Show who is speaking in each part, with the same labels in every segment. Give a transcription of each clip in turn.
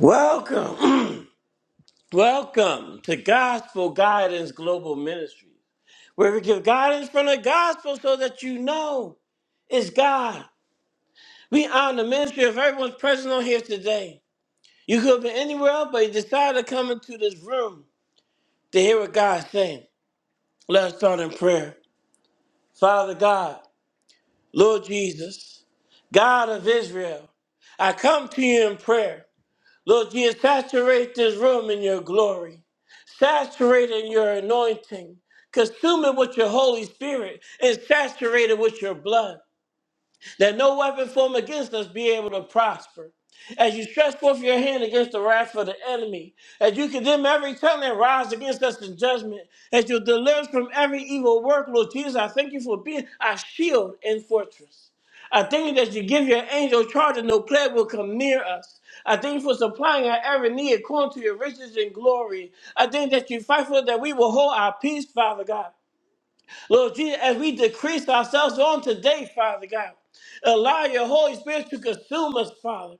Speaker 1: Welcome, welcome to Gospel Guidance Global Ministry, where we give guidance from the gospel so that you know it's God. We honor the ministry of everyone's present on here today. You could have been anywhere else, but you decided to come into this room to hear what God's saying. Let's start in prayer. Father God, Lord Jesus, God of Israel, I come to you in prayer. Lord Jesus, saturate this room in your glory. Saturate in your anointing. Consume it with your Holy Spirit and saturate it with your blood that no weapon formed against us be able to prosper. As you stretch forth your hand against the wrath of the enemy, as you condemn every tongue that rises against us in judgment, as you deliver us from every evil work, Lord Jesus, I thank you for being our shield and fortress. I thank you that you give your angel charge and no plague will come near us. I thank you for supplying our every need according to your riches and glory. I thank that you fight for that we will hold our peace, Father God. Lord Jesus, as we decrease ourselves on today, Father God, allow your Holy Spirit to consume us, Father.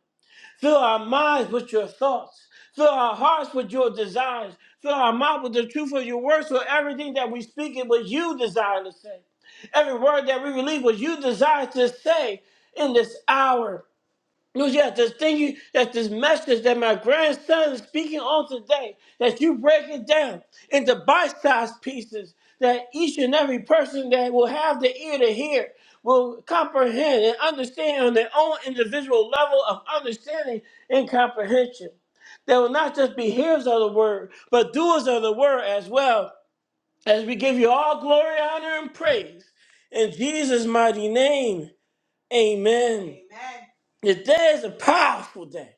Speaker 1: Fill our minds with your thoughts. Fill our hearts with your desires. Fill our mouth with the truth of your word so everything that we speak it was you desire to say. Every word that we release was you desire to say in this hour. Lord, yes, this thing you, that this message that my grandson is speaking on today, that you break it down into bite-sized pieces, that each and every person that will have the ear to hear will comprehend and understand on their own individual level of understanding and comprehension. They will not just be hearers of the word, but doers of the word as well. As we give you all glory, honor, and praise in Jesus' mighty name. Amen. Amen. Today is a powerful day.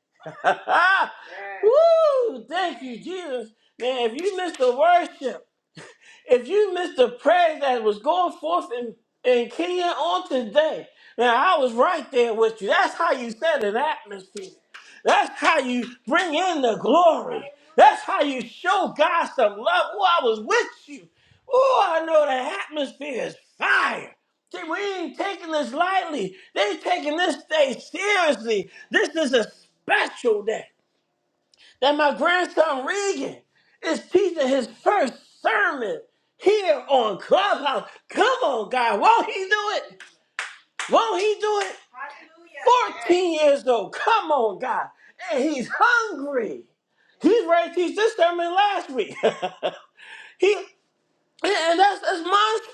Speaker 1: Yes. Woo! Thank you, Jesus. Man, if you missed the worship, if you missed the prayers that was going forth in, in Kenya on today, now I was right there with you. That's how you set an atmosphere. That's how you bring in the glory. That's how you show God some love. Oh, I was with you. Oh, I know the atmosphere is fire. See, we ain't taking this lightly. They taking this day seriously. This is a special day that my grandson Regan is teaching his first sermon here on Clubhouse. Come on, God. Won't he do it? Won't he do it? Hallelujah. 14 years old. Come on, God. And he's hungry. He's ready to teach this sermon last week. he and and that's, that's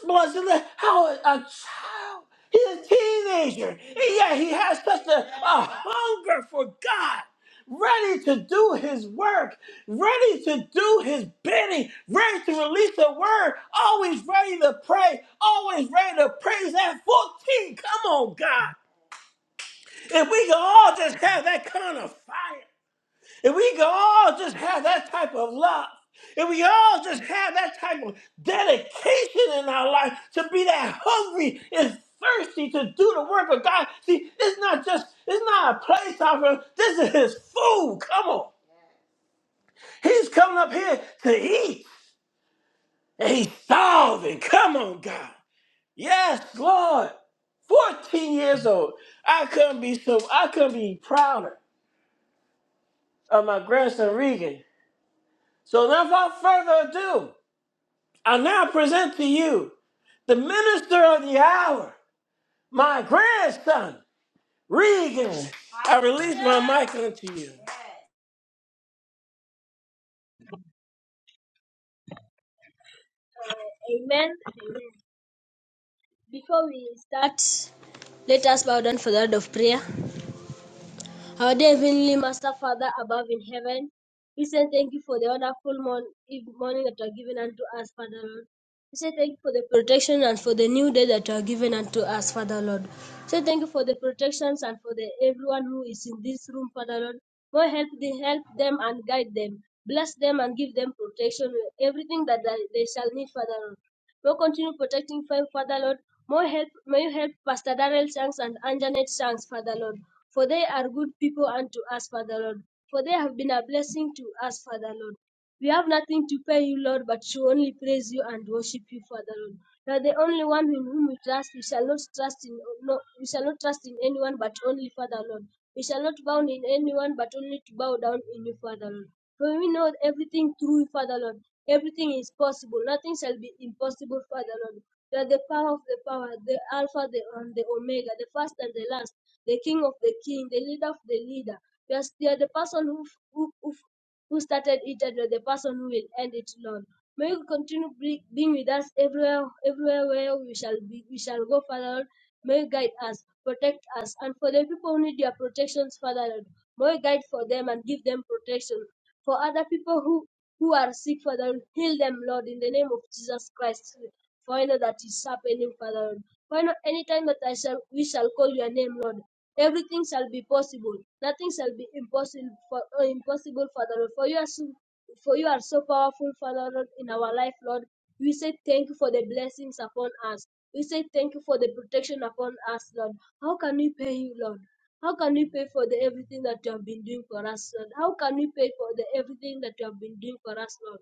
Speaker 1: monstrous. Isn't it? How a a child, he's a teenager, and yet he has such a, a hunger for God, ready to do his work, ready to do his bidding, ready to release the word, always ready to pray, always ready to praise at 14. Come on, God. If we can all just have that kind of fire. If we could all just have that type of love, if we all just have that type of dedication in our life to be that hungry and thirsty to do the work of God, see, it's not just, it's not a place offer. This is His food. Come on. He's coming up here to eat, and He's starving. Come on, God. Yes, Lord. 14 years old. I couldn't be so, I couldn't be prouder of my grandson Regan. So without further ado, I now present to you the minister of the hour, my grandson, Regan. I release my mic unto you.
Speaker 2: Amen. Amen. Before we start, let us bow down for the word of prayer. Our dear Heavenly Master, Father above in heaven, we say thank you for the wonderful mon- eve- morning that you are given unto us, Father Lord. We say thank you for the protection and for the new day that you are given unto us, Father Lord. We say thank you for the protections and for the everyone who is in this room, Father Lord. Lord, help, the, help them and guide them. Bless them and give them protection with everything that they they shall need, Father Lord. We'll continue protecting them, Father Lord. More help, may you help Pastor Darrell Shanks and Anjanet Shanks, Father Lord, for they are good people unto us, Father Lord, for they have been a blessing to us, Father Lord. We have nothing to pay you, Lord, but to only praise you and worship you, Father Lord. You are the only one in whom we trust. We shall not trust in no, we shall not trust in anyone but only Father Lord. We shall not bow in anyone but only to bow down in you, Father Lord. For we know everything through you, Father Lord. Everything is possible. Nothing shall be impossible, Father Lord. You are the power of the power, the Alpha the, and the Omega, the first and the last, the King of the King, the leader of the leader. You are, you are the person who, who, who who started it and the person who will end it Lord. May you continue being with us everywhere, everywhere where we shall be, we shall go, Father Lord. May you guide us, protect us, and for the people who need your protections, Father Lord, may you guide for them and give them protection. For other people who who are sick, Father, Lord, heal them, Lord, in the name of Jesus Christ. For I know that is happening, Father Lord. For I know anytime that I shall we shall call your name, Lord. Everything shall be possible. Nothing shall be impossible for uh, impossible, Father Lord. For you are so, for you are so powerful, Father Lord, in our life, Lord. We say thank you for the blessings upon us. We say thank you for the protection upon us, Lord. How can we pay you, Lord? How can we pay for the everything that you have been doing for us, Lord? How can we pay for the everything that you have been doing for us, Lord?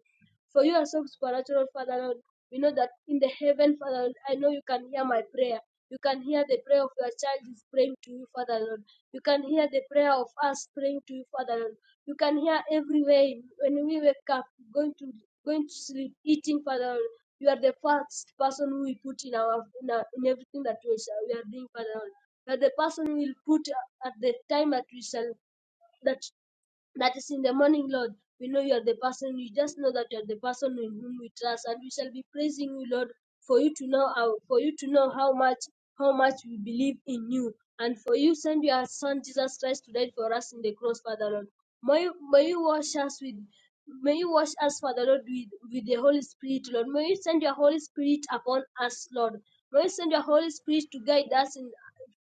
Speaker 2: For you are so supernatural, Father Lord. We know that in the heaven, Father, Lord, I know you can hear my prayer. You can hear the prayer of your child is praying to you, Father Lord. You can hear the prayer of us praying to you, Father Lord. You can hear everywhere when we wake up, going to going to sleep, eating, Father Lord. You are the first person who we put in our in, our, in everything that we, shall, we are doing, Father Lord. You are the person we will put at the time that we shall that that is in the morning, Lord. We know you are the person, We just know that you are the person in whom we trust, and we shall be praising you, Lord, for you to know how, for you to know how much how much we believe in you, and for you send your Son Jesus Christ to die for us in the cross, Father Lord. May you, may you wash us with May you wash us, Father Lord, with, with the Holy Spirit, Lord. May you send your Holy Spirit upon us, Lord. May you send your Holy Spirit to guide us in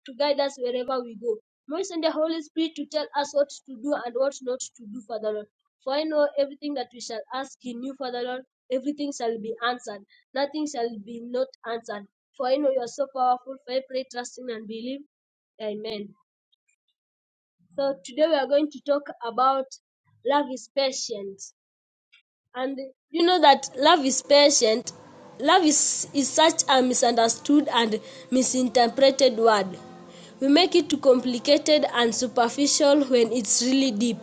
Speaker 2: to guide us wherever we go. We send the Holy Spirit to tell us what to do and what not to do, Father Lord. For I know everything that we shall ask in you, Father Lord, everything shall be answered. Nothing shall be not answered. For I know you are so powerful. For I pray, trusting and believe. Amen. So today we are going to talk about love is patient. And you know that love is patient. Love is, is such a misunderstood and misinterpreted word. We make it complicated and superficial when it's really deep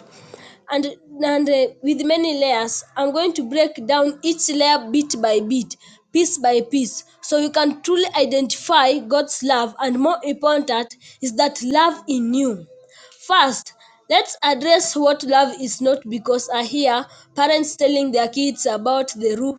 Speaker 2: and and uh, with many layers i'm going to break down each layer bit by bit piece by piece so you can truly identify god's love and more important is that love in you First, let's address what love is not because I hear parents telling their kids about the roof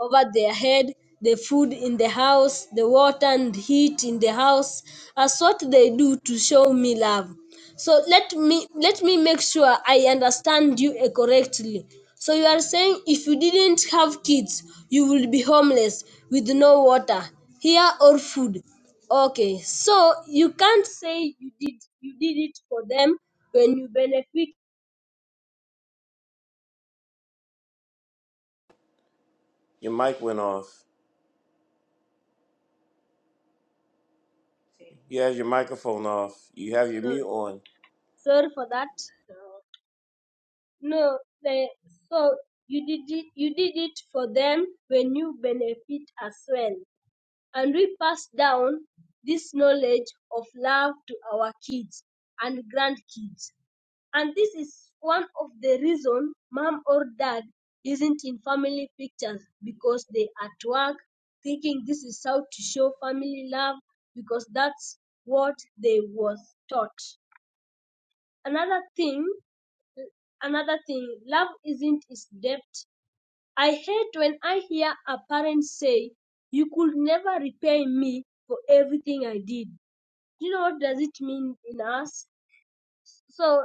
Speaker 2: over their head, the food in the house, the water and heat in the house, as what they do to show me love. So let me let me make sure I understand you uh, correctly. So you are saying if you didn't have kids, you will be homeless with no water, here or food. Okay. So you can't say you did you did it for them when you benefit.
Speaker 1: Your mic went off. You have your microphone off. You have your
Speaker 2: So
Speaker 1: mute on.
Speaker 2: sorry for that. No, they, so you did it, you did it for them when you benefit as well. and we pass down this knowledge of love to our kids and grandkids. And this is one of the reason mom or dad isn't in family pictures because they at work thinking this is how to show family love because that's what they was taught. Another thing, another thing, love isn't its depth. I hate when I hear a parent say, "You could never repay me for everything I did." Do you know what does it mean in us? So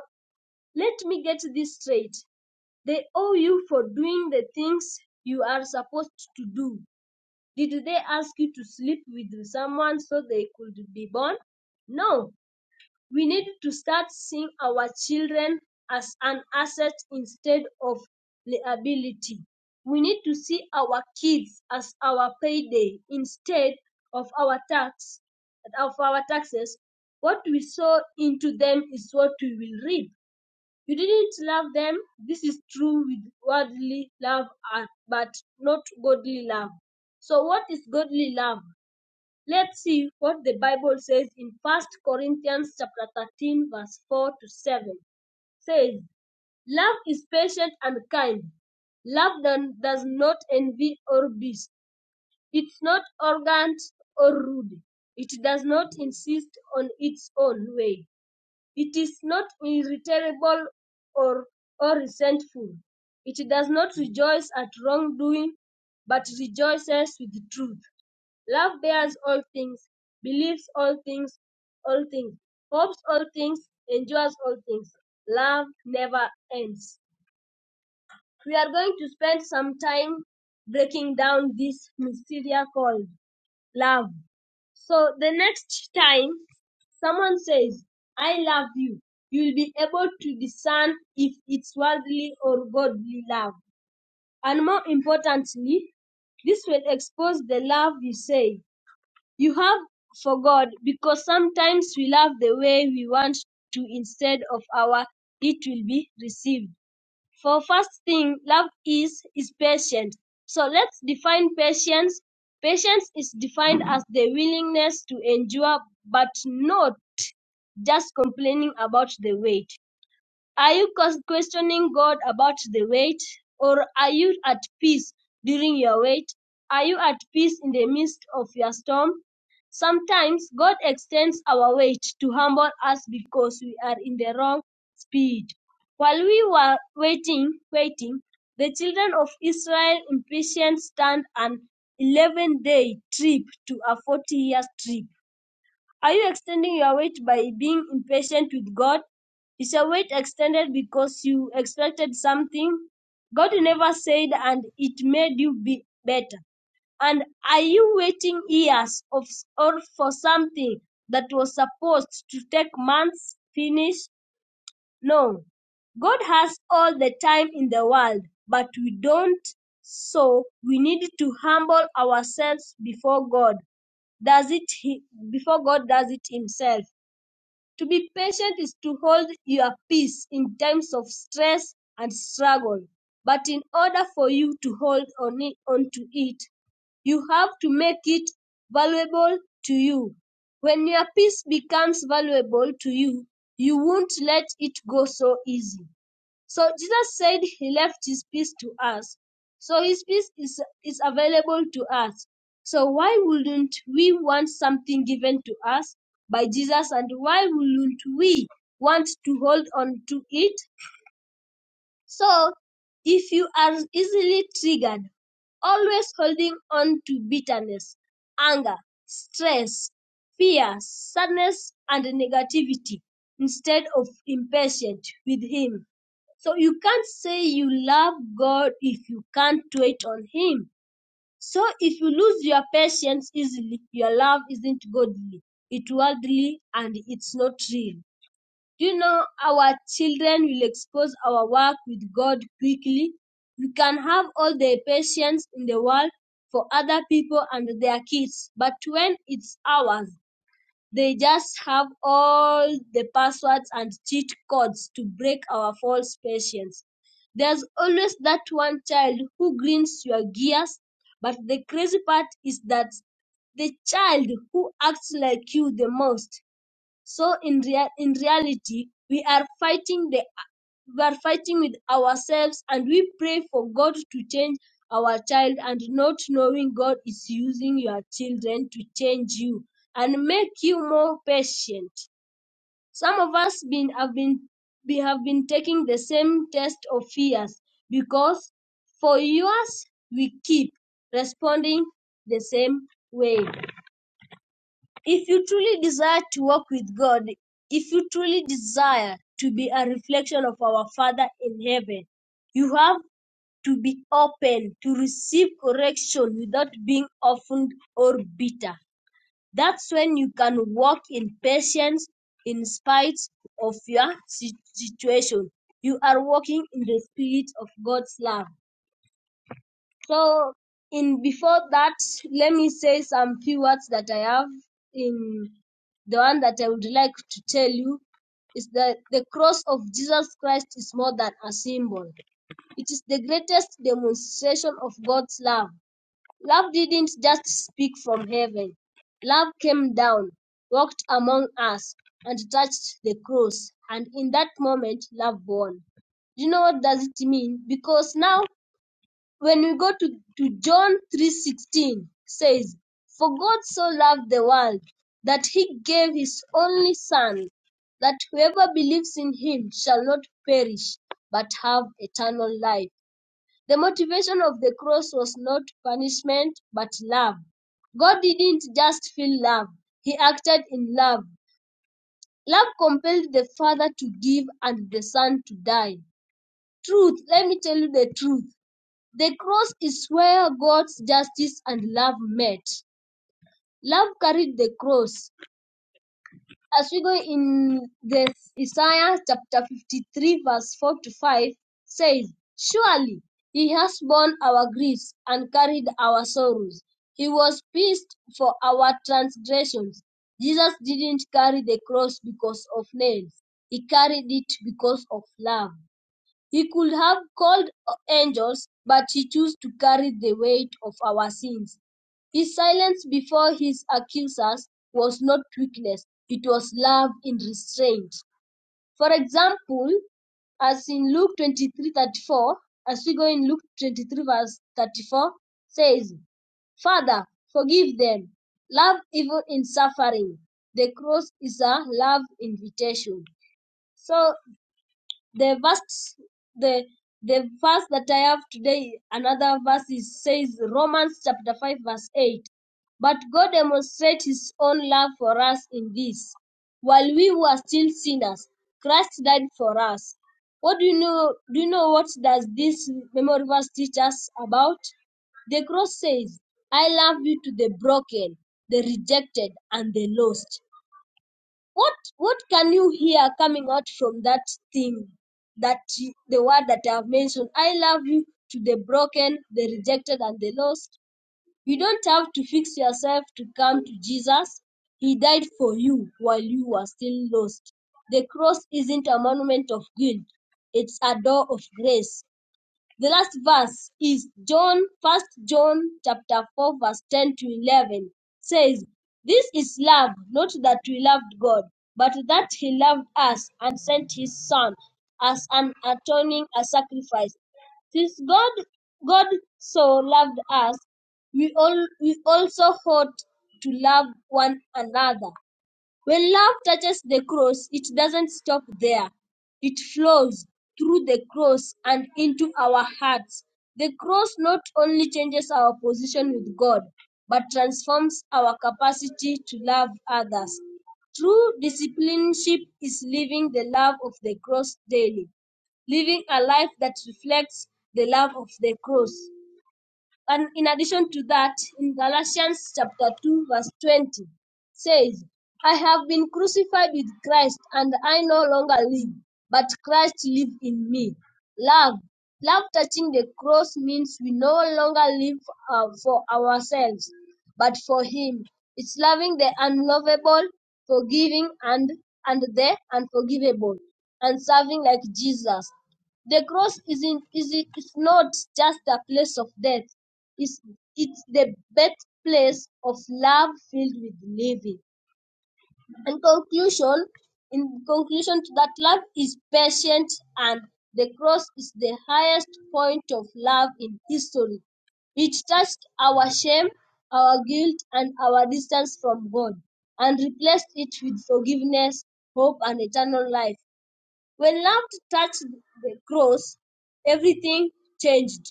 Speaker 2: let me get this straight. They owe you for doing the things you are supposed to do. Did they ask you to sleep with someone so they could be born? No, we need to start seeing our children as an asset instead of liability. We need to see our kids as our payday instead of our tax of our taxes. What we sow into them is what we will reap. You didn't love them. This is true with worldly love, uh, but not godly love. So, what is godly love? Let's see what the Bible says in First Corinthians chapter 13 verse 4 to 7. It Says, "Love is patient and kind. Love don- does not envy or boast. It's not arrogant or rude. It does not insist on its own way. It is not irritable or, or resentful. It does not rejoice at wrongdoing, but rejoices with the truth. Love bears all things, believes all things, all things, hopes all things, endures all things. Love never ends. We are going to spend some time breaking down this mystery called love. So the next time someone says, I love you, you'll be able to discern if it's worldly or godly love. And more importantly, this will expose the love you say you have for God because sometimes we love the way we want to instead of our it will be received. For first thing, love is is patient. So let's define patience. Patience is defined as the willingness to endure but not just complaining about the wait. Are you questioning God about the wait? Or are you at peace during your wait? Are you at peace in the midst of your storm? Sometimes God extends our wait to humble us because we are in the wrong speed. While we were waiting, waiting, the children of Israel impatient stand an 11 day trip to a 40 year trip. Are you extending your wait by being impatient with God? Is your wait extended because you expected something God never said and it made you be better? And are you waiting years of or for something that was supposed to take months finish? No. God has all the time in the world, but we don't. So we need to humble ourselves before God. Does it he- before God does it himself. To be patient is to hold your peace in times of stress and struggle. But in order for you to hold on it, on to it, you have to make it valuable to you. When your peace becomes valuable to you, you won't let it go so easy. So Jesus said he left his peace to us. So his peace is, is available to us. So why wouldn't we want something given to us by Jesus and why wouldn't we want to hold on to it? So if you are easily triggered, always holding on to bitterness, anger, stress, fear, sadness, and negativity instead of impatient with him so you can't say you love God if you can't wait on Him. So if you lose your patience easily, your love isn't godly, it's worldly, and it's not real. Do you know our children will expose our work with God quickly? You can have all the patience in the world for other people and their kids, but when it's ours, they just have all the passwords and cheat codes to break our false patience. There's always that one child who grinds your gears, but the crazy part is that the child who acts like you the most so in real in reality, we are fighting the we are fighting with ourselves and we pray for God to change our child and not knowing God is using your children to change you and make you more patient. Some of us been have been we have been taking the same test of fears because for years we keep responding the same way. If you truly desire to walk with God, if you truly desire to be a reflection of our Father in heaven, you have to be open to receive correction without being offended or bitter. That's when you can walk in patience in spite of your si- situation. You are walking in the spirit of God's love. So in before that, let me say some few words that I have in the one that I would like to tell you is that the cross of Jesus Christ is more than a symbol. It is the greatest demonstration of God's love. Love didn't just speak from heaven. Love came down, walked among us, and touched the cross. And in that moment, love won. you know what does it mean? Because now when we go to, to John 3:16 says, "For God so loved the world that he gave his only son, that whoever believes in him shall not perish but have eternal life." The motivation of the cross was not punishment but love. God didn't just feel love, he acted in love. Love compelled the Father to give and the Son to die. Truth, let me tell you the truth. The cross is where God's justice and love met. Love carried the cross. As we go in the Isaiah chapter 53, verse 4 to 5, says, Surely he has borne our griefs and carried our sorrows. He was pierced for our transgressions. Jesus didn't carry the cross because of nails. He carried it because of love. He could have called angels, but he chose to carry the weight of our sins. His silence before his accusers was not weakness, it was love in restraint. For example, as in Luke 23 34, as we go in Luke 23, verse 34, says, Father, forgive them. Love evil in suffering. The cross is a love invitation. So the verse the the verse that I have today, another verse is, says Romans chapter 5 verse 8. But God demonstrates his own love for us in this. While we were still sinners, Christ died for us. What do you know do you know what does this memory verse teach us about? The cross says, I love you to the broken, the rejected and the lost what what can you hear coming out from that thing that you, the word that i have mentioned i love you to the broken the rejected and the lost you don't have to fix yourself to come to jesus he died for you while you were still lost the cross isn't a monument of guilt it's a door of grace the last verse is John, First John chapter 4, verse 10 to 11 says, This is love, not that we loved God, but that He loved us and sent His Son as an atoning a sacrifice. Since God God so loved us, we all we also ought to love one another. When love touches the cross, it doesn't stop there. It flows through the cross and into our hearts. The cross not only changes our position with God, but transforms our capacity to love others. True discipleship is living the love of the cross daily, living a life that reflects the love of the cross. And in addition to that, in Galatians chapter 2, verse 20, says, I have been crucified with Christ, and I no longer live, but Christ lives in me. Love. Love touching the cross means we no longer live uh, for ourselves, but for Him. It's loving the unlovable, forgiving and, and the unforgivable, and serving like Jesus. The cross isn't, is it's not just a place of death. It's, it's the birthplace of love filled with living. In conclusion, in conclusion to that, love is patient and the cross is the highest point of love in history. It touched our shame, our guilt, and our distance from God, and replaced it with forgiveness, hope, and eternal life. When love touched the cross, everything changed.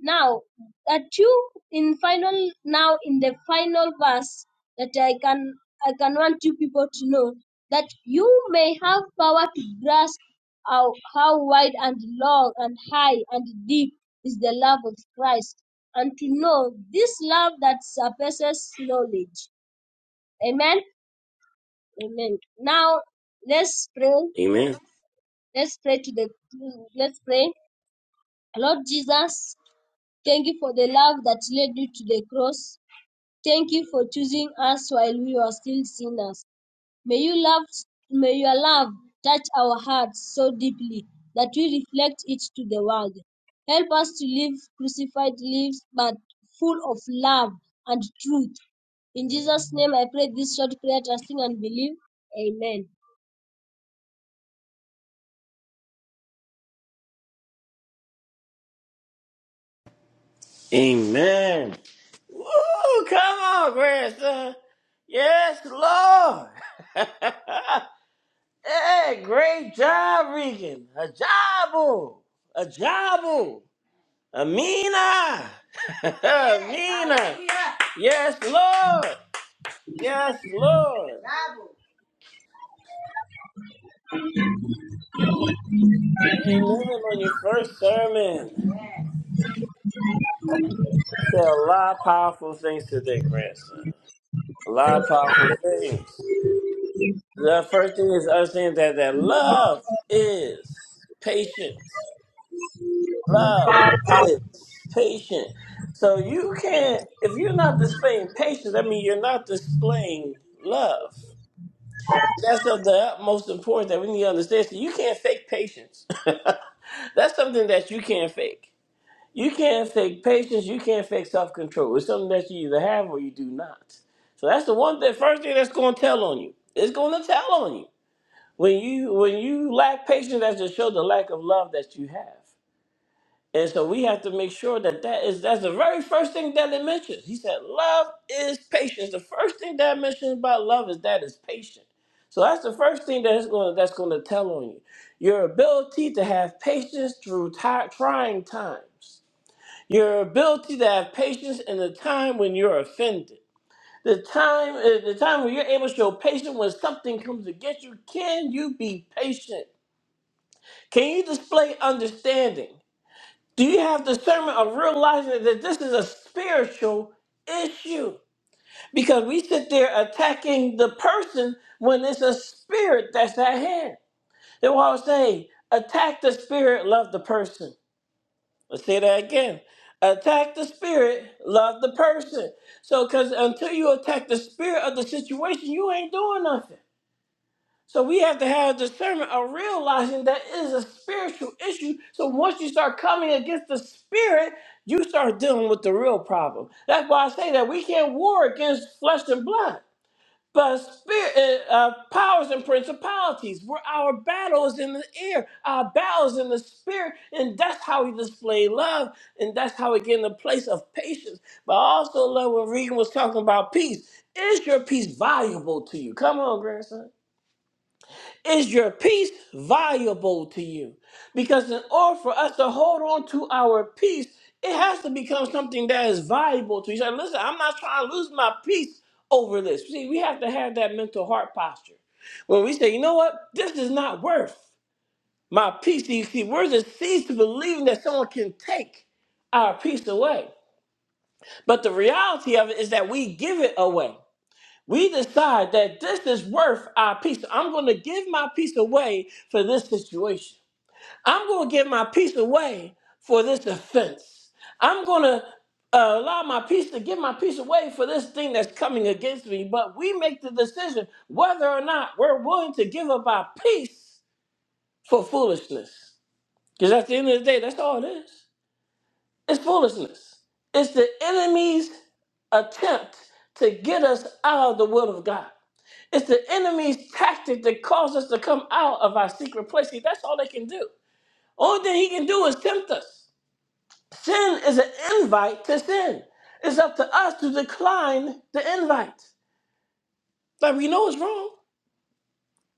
Speaker 2: Now that you in final now in the final verse that I can I can want you people to know that you may have power to grasp how, how wide and long and high and deep is the love of Christ and to know this love that surpasses knowledge. Amen. Amen. Now let's pray.
Speaker 1: Amen.
Speaker 2: Let's pray to the let's pray. Lord Jesus, thank you for the love that led you to the cross. Thank you for choosing us while we were still sinners. May you love may your love touch our hearts so deeply that we reflect it to the world. Help us to live crucified lives but full of love and truth. In Jesus' name I pray this short prayer, trusting and believe. Amen.
Speaker 1: Amen. Woo! Come on, grandson. Yes, Lord. hey, great job, Regan. A job. A job. Amina. Amina. Yes, Lord. Yes, Lord. Amen on your first sermon. you Said a lot of powerful things today, grandson. A lot of powerful things. The first thing is understanding that, that love is patient. Love is patient. So you can't, if you're not displaying patience, I mean, you're not displaying love. That's of the utmost importance that we need to understand. So you can't fake patience. That's something that you can't fake. You can't fake patience. You can't fake self control. It's something that you either have or you do not. So that's the one thing. First thing that's going to tell on you. It's going to tell on you when you when you lack patience. That just shows the lack of love that you have. And so we have to make sure that that is that's the very first thing that it mentions. He said, "Love is patience." The first thing that it mentions about love is that it's patient. So that's the first thing that's going to that's going to tell on you your ability to have patience through ti- trying times, your ability to have patience in the time when you're offended. The time, uh, the time when you're able to show patience when something comes against you, can you be patient? Can you display understanding? Do you have discernment of realizing that this is a spiritual issue? Because we sit there attacking the person when it's a spirit that's at hand. That's why I was saying, attack the spirit, love the person. Let's say that again. Attack the spirit, love the person. So, because until you attack the spirit of the situation, you ain't doing nothing. So we have to have discernment of realizing that it is a spiritual issue. So once you start coming against the spirit, you start dealing with the real problem. That's why I say that we can't war against flesh and blood, but spirit, uh, uh, powers and principalities. Where our battle is in the air, our battle is in the spirit, and that's how we display love, and that's how we get in the place of patience. But I also love when Regan was talking about peace. Is your peace valuable to you? Come on, grandson. Is your peace valuable to you? Because in order for us to hold on to our peace, it has to become something that is valuable to you. You Say, listen, I'm not trying to lose my peace over this. See, we have to have that mental heart posture. where we say, you know what, this is not worth my peace. You see, we're deceived to believing that someone can take our peace away. But the reality of it is that we give it away. We decide that this is worth our peace. I'm going to give my peace away for this situation. I'm going to give my peace away for this offense. I'm going to uh, allow my peace to give my peace away for this thing that's coming against me. But we make the decision whether or not we're willing to give up our peace for foolishness. Because at the end of the day, that's all it is. It's foolishness. It's the enemy's attempt to get us out of the will of God. It's the enemy's tactic that calls us to come out of our secret place. See, that's all they can do. Only thing he can do is tempt us. Sin is an invite to sin. It's up to us to decline the invite. Like we know it's wrong.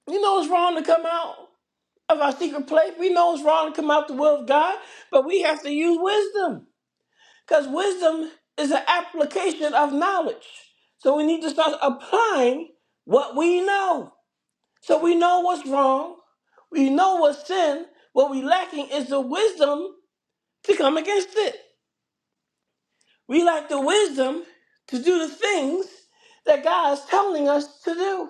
Speaker 1: We know it's wrong to come out of our secret place. We know it's wrong to come out the will of God, but we have to use wisdom. Because wisdom is an application of knowledge. So we need to start applying what we know. So we know what's wrong, we know what's sin. What we lacking is the wisdom to come against it. We lack the wisdom to do the things that God is telling us to do.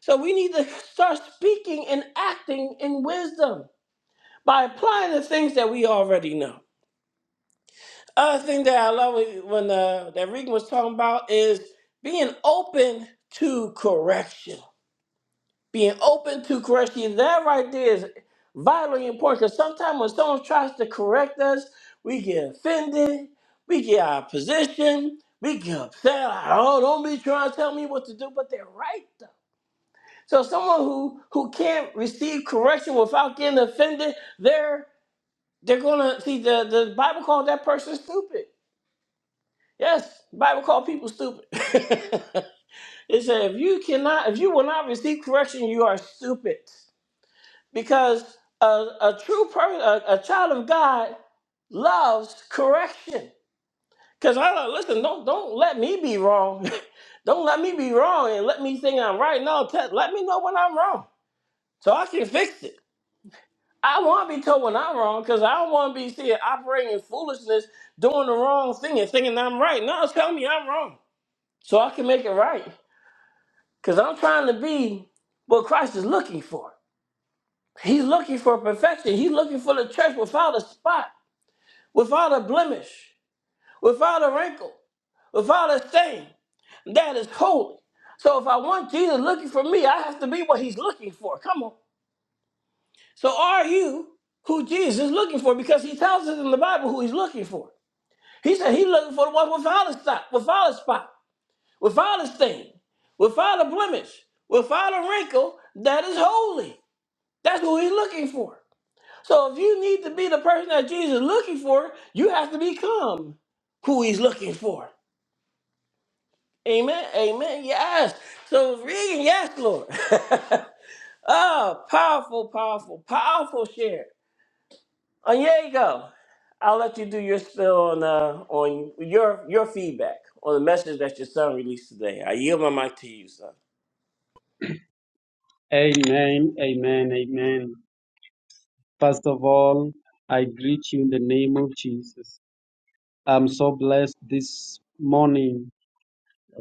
Speaker 1: So we need to start speaking and acting in wisdom by applying the things that we already know. Other thing that I love when uh, that Regan was talking about is being open to correction. Being open to correction, that right there is vitally important because sometimes when someone tries to correct us, we get offended, we get our position, we get upset. Like, oh, don't be trying to tell me what to do, but they're right though. So someone who who can't receive correction without getting offended, they're they're gonna see the the Bible called that person stupid. Yes, the Bible called people stupid. it said if you cannot, if you will not receive correction, you are stupid. because a, a true person, a, a child of God, loves correction. Because I like, listen, don't don't let me be wrong. don't let me be wrong and let me think I'm right. No, te- let me know when I'm wrong so I can fix it. I want to be told when I'm wrong because I don't want to be seen operating in foolishness, doing the wrong thing and thinking I'm right. No, tell me I'm wrong so I can make it right. Because I'm trying to be what Christ is looking for. He's looking for perfection. He's looking for the church without a spot without a blemish, without a wrinkle, without a stain. That is holy. So if I want Jesus looking for me, I have to be what he's looking for. Come on. So are you who Jesus is looking for? Because he tells us in the Bible who he's looking for. He said he's looking for the one without a spot, without a spot, without a stain, without a blemish, without a wrinkle, that is holy. That's who he's looking for. So if you need to be the person that Jesus is looking for, you have to become who he's looking for. Amen. Amen. Yes. So it's reading, yes, Lord. oh, powerful, powerful, powerful share. Oh, yeah, you go. I'll let you do your spill on uh, on your your feedback on the message that your son released today. I yield my mic to you, son.
Speaker 2: Amen, amen, amen. First of all, I greet you in the name of Jesus. I'm so blessed this morning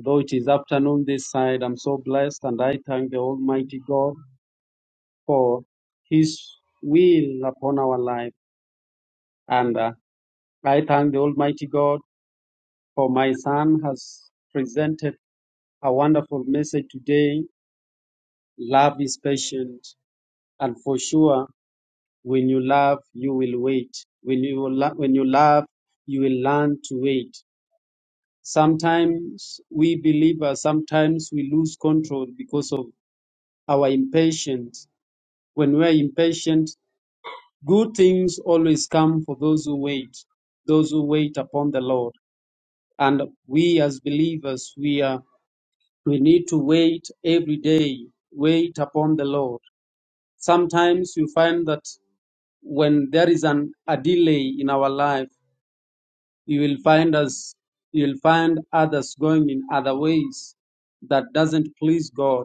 Speaker 2: Though it is afternoon this side, I'm so blessed and I thank the Almighty God for His will upon our life. And uh, I thank the Almighty God for my son has presented a wonderful message today. Love is patient. And for sure, when you love, you will wait. When you, lo- when you love, you will learn to wait. Sometimes we believers, sometimes we lose control because of our impatience When we are impatient, good things always come for those who wait, those who wait upon the Lord. And we as believers, we are we need to wait every day, wait upon the Lord. Sometimes you find that when there is an, a delay in our life, you will find us, you will find others going in other ways that doesn't please God.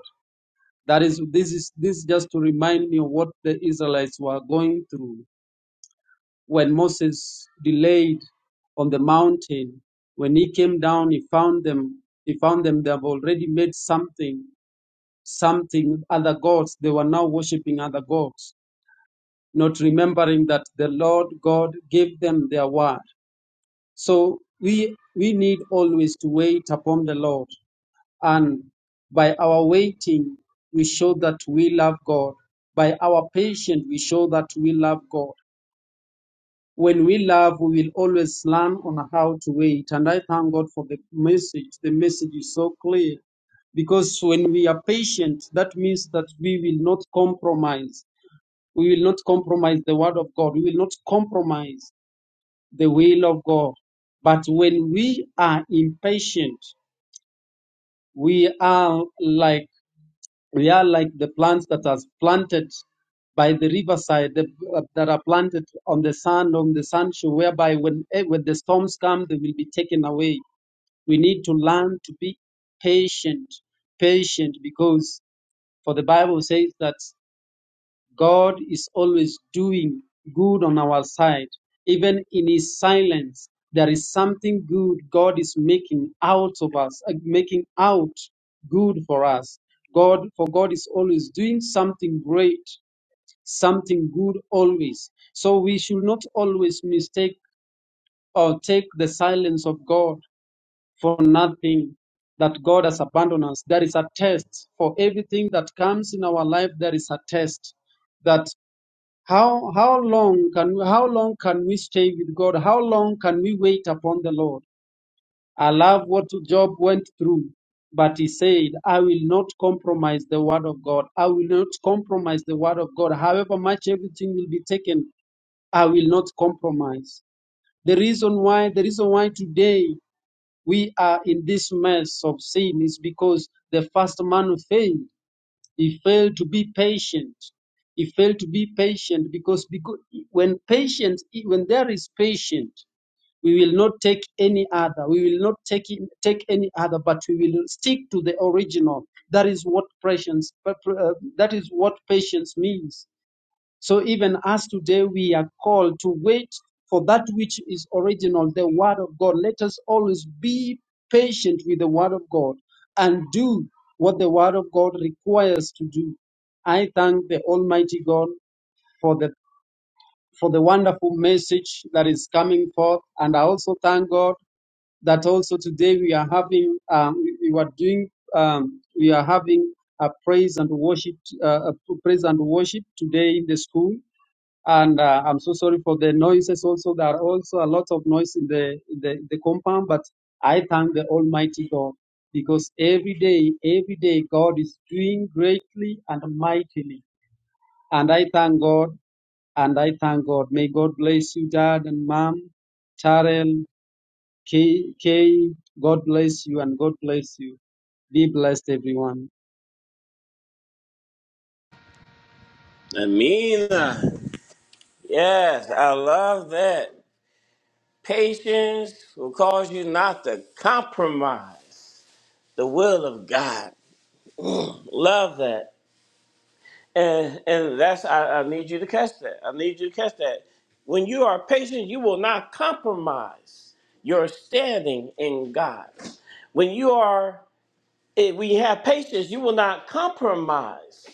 Speaker 2: That is, this is this is just to remind me of what the Israelites were going through. when Moses delayed on the mountain, when he came down, he found them. He found them. They have already made something, something other gods. They were now worshiping other gods, not remembering that the Lord God gave them their word. So we we need always to wait upon the Lord, and by our waiting, we show that we love God. By our patience, we show that we love God. When we love, we will always learn on how to wait. And I thank God for the message. The message is so clear because when we are patient, that means that we will not compromise. We will not compromise the word of God. We will not compromise the will of God. But when we are impatient, we are like we are like the plants that are planted by the riverside the, uh, that are planted on the sand, on the sandshore, whereby when, eh, when the storms come, they will be taken away. We need to learn to be patient, patient, because for the Bible says that God is always doing good on our side. Even in His silence, there is something good God is making out of us, uh, making out good for us. God, for God is always doing something great, something good always. So we should not always mistake or take the silence of God for nothing that God has abandoned us. There is a test for everything that comes in our life. There is a test that. How how long can how long can we stay with God? How long can we wait upon the Lord? I love what Job went through, but he said, I will not compromise the word of God. I will not compromise the word of God. However much everything will be taken, I will not compromise. The reason why the reason why today we are in this mess of sin is because the first man failed. He failed to be patient. He failed to be patient because, because when patience, when there is patience, we will not take any other. We will not take in- take any other, but we will stick to the original. That is what patience. uh, That is what patience means. So even us today, we are called to wait for that which is original, the Word of God. Let us always be patient with the Word of God and do what the Word of God requires to do. I thank the Almighty God for the for the wonderful message that is coming forth, and I also thank God that also today we are having um, we we were doing um, we are having a praise and worship uh, a praise and worship today in the school and uh, I'm so sorry for the noises. Also, there are also a lot of noise in the in the, the compound, but I thank the Almighty God because every day, every day, God is doing greatly and mightily, and I thank God and I thank God. May God bless you, Dad and Mom, Charel, Kay. Kay. God bless you and God bless you. Be blessed, everyone.
Speaker 1: Amina. Yes, I love that. Patience will cause you not to compromise the will of God. Love that. And and that's I, I need you to catch that. I need you to catch that. When you are patient, you will not compromise your standing in God. When you are if we have patience, you will not compromise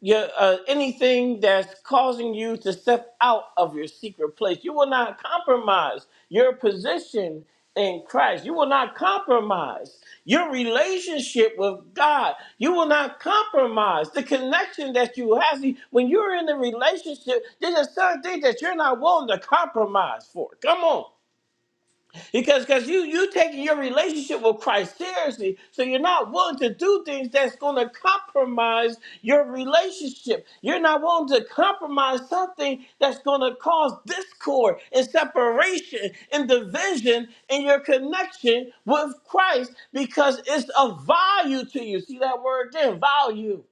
Speaker 1: your uh, anything that's causing you to step out of your secret place. You will not compromise your position in Christ. You will not compromise your relationship with God. You will not compromise the connection that you have. See, When you're in a relationship, there's a certain thing that you're not willing to compromise for. Come on because because you you taking your relationship with Christ seriously, so you're not willing to do things that's going to compromise your relationship. You're not willing to compromise something that's going to cause discord and separation and division in your connection with Christ because it's of value to you. See that word again, value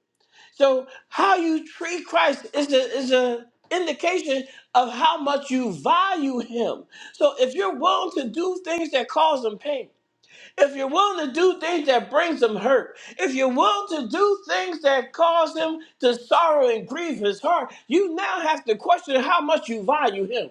Speaker 1: so how you treat Christ is a is a indication of how much you value him. So if you're willing to do things that cause him pain, if you're willing to do things that brings him hurt, if you're willing to do things that cause him to sorrow and grieve his heart, you now have to question how much you value him.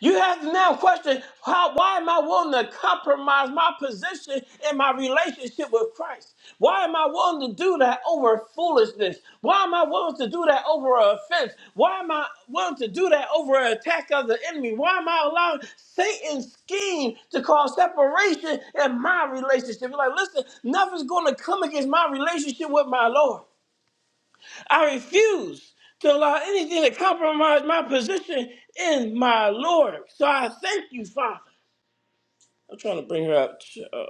Speaker 1: You have to now question: how why am I willing to compromise my position in my relationship with Christ? Why am I willing to do that over foolishness? Why am I willing to do that over an offense? Why am I willing to do that over an attack of the enemy? Why am I allowing Satan's scheme to cause separation in my relationship? like, listen, nothing's gonna come against my relationship with my Lord. I refuse to allow anything to compromise my position in my Lord. So I thank you, Father. I'm trying to bring her up. Uh,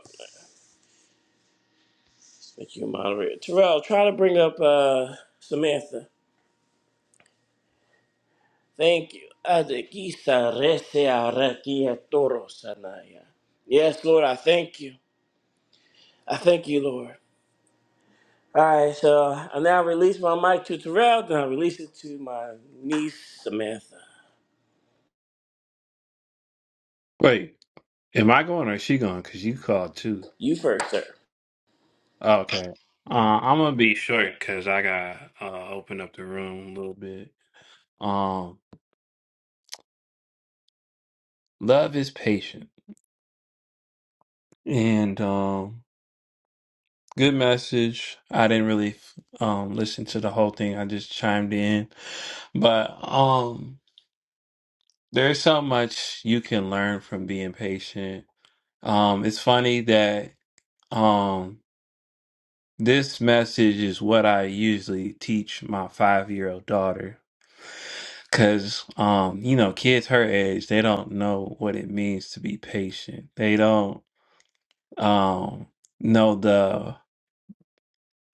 Speaker 1: thank you, moderator. Terrell, try to bring up uh, Samantha. Thank you. Adekisa rese arakia toro sanaya. Yes, Lord, I thank you. I thank you, Lord. All right, so I now release my mic to Terrell, then I release it to my niece, Samantha.
Speaker 3: Wait, am I going or is she going? Because you called too.
Speaker 1: You first, sir.
Speaker 3: okay. Uh, I'm gonna be short because I gotta uh, open up the room a little bit. Um, love is patient and um, good message. I didn't really um listen to the whole thing. I just chimed in, but um, there's so much you can learn from being patient. Um, it's funny that um this message is what I usually teach my five year old daughter Cause um, you know, kids her age, they don't know what it means to be patient. They don't um know the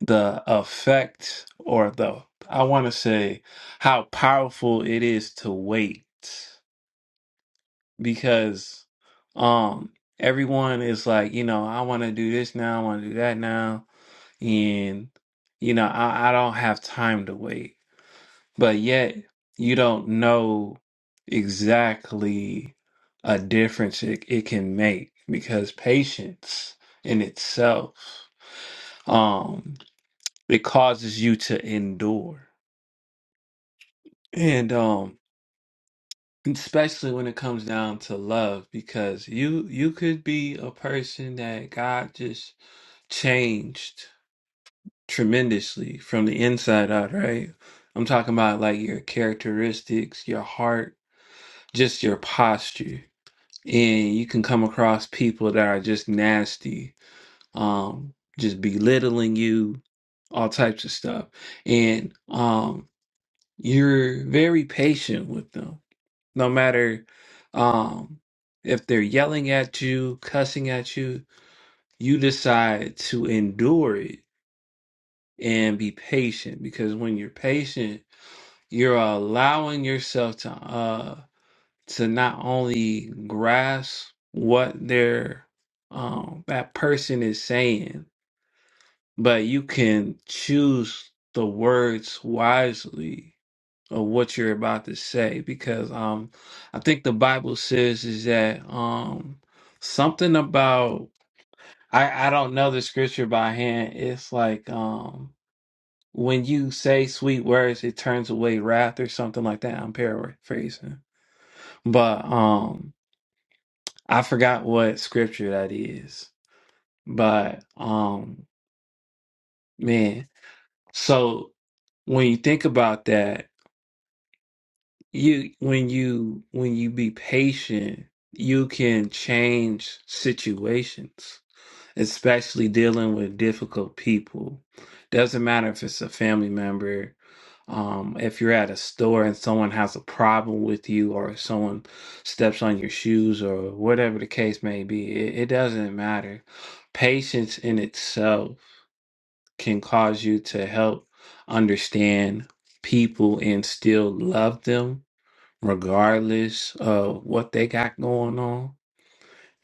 Speaker 3: the effect or the I want to say how powerful it is to wait because um everyone is like, you know, I want to do this now, I want to do that now and you know, I I don't have time to wait but yet you don't know exactly a difference it, it can make because patience in itself um it causes you to endure and um especially when it comes down to love because you you could be a person that God just changed tremendously from the inside out right i'm talking about like your characteristics your heart just your posture. And you can come across people that are just nasty, um, just belittling you, all types of stuff. And um, you're very patient with them, no matter um, if they're yelling at you, cussing at you, you decide to endure it and be patient because when you're patient, you're allowing yourself time to not only grasp what their um, that person is saying, but you can choose the words wisely of what you're about to say because um I think the Bible says is that um something about I I don't know the scripture by hand. It's like um when you say sweet words, it turns away wrath or something like that. I'm paraphrasing, but um I forgot what scripture that is, but um, man, so when you think about that, you when you when you be patient, you can change situations. especially dealing with difficult people. Doesn't matter if it's a family member, um, if you're at a store and someone has a problem with you, or if someone steps on your shoes, or whatever the case may be, it, it doesn't matter. Patience in itself can cause you to help understand people and still love them, regardless of what they got going on.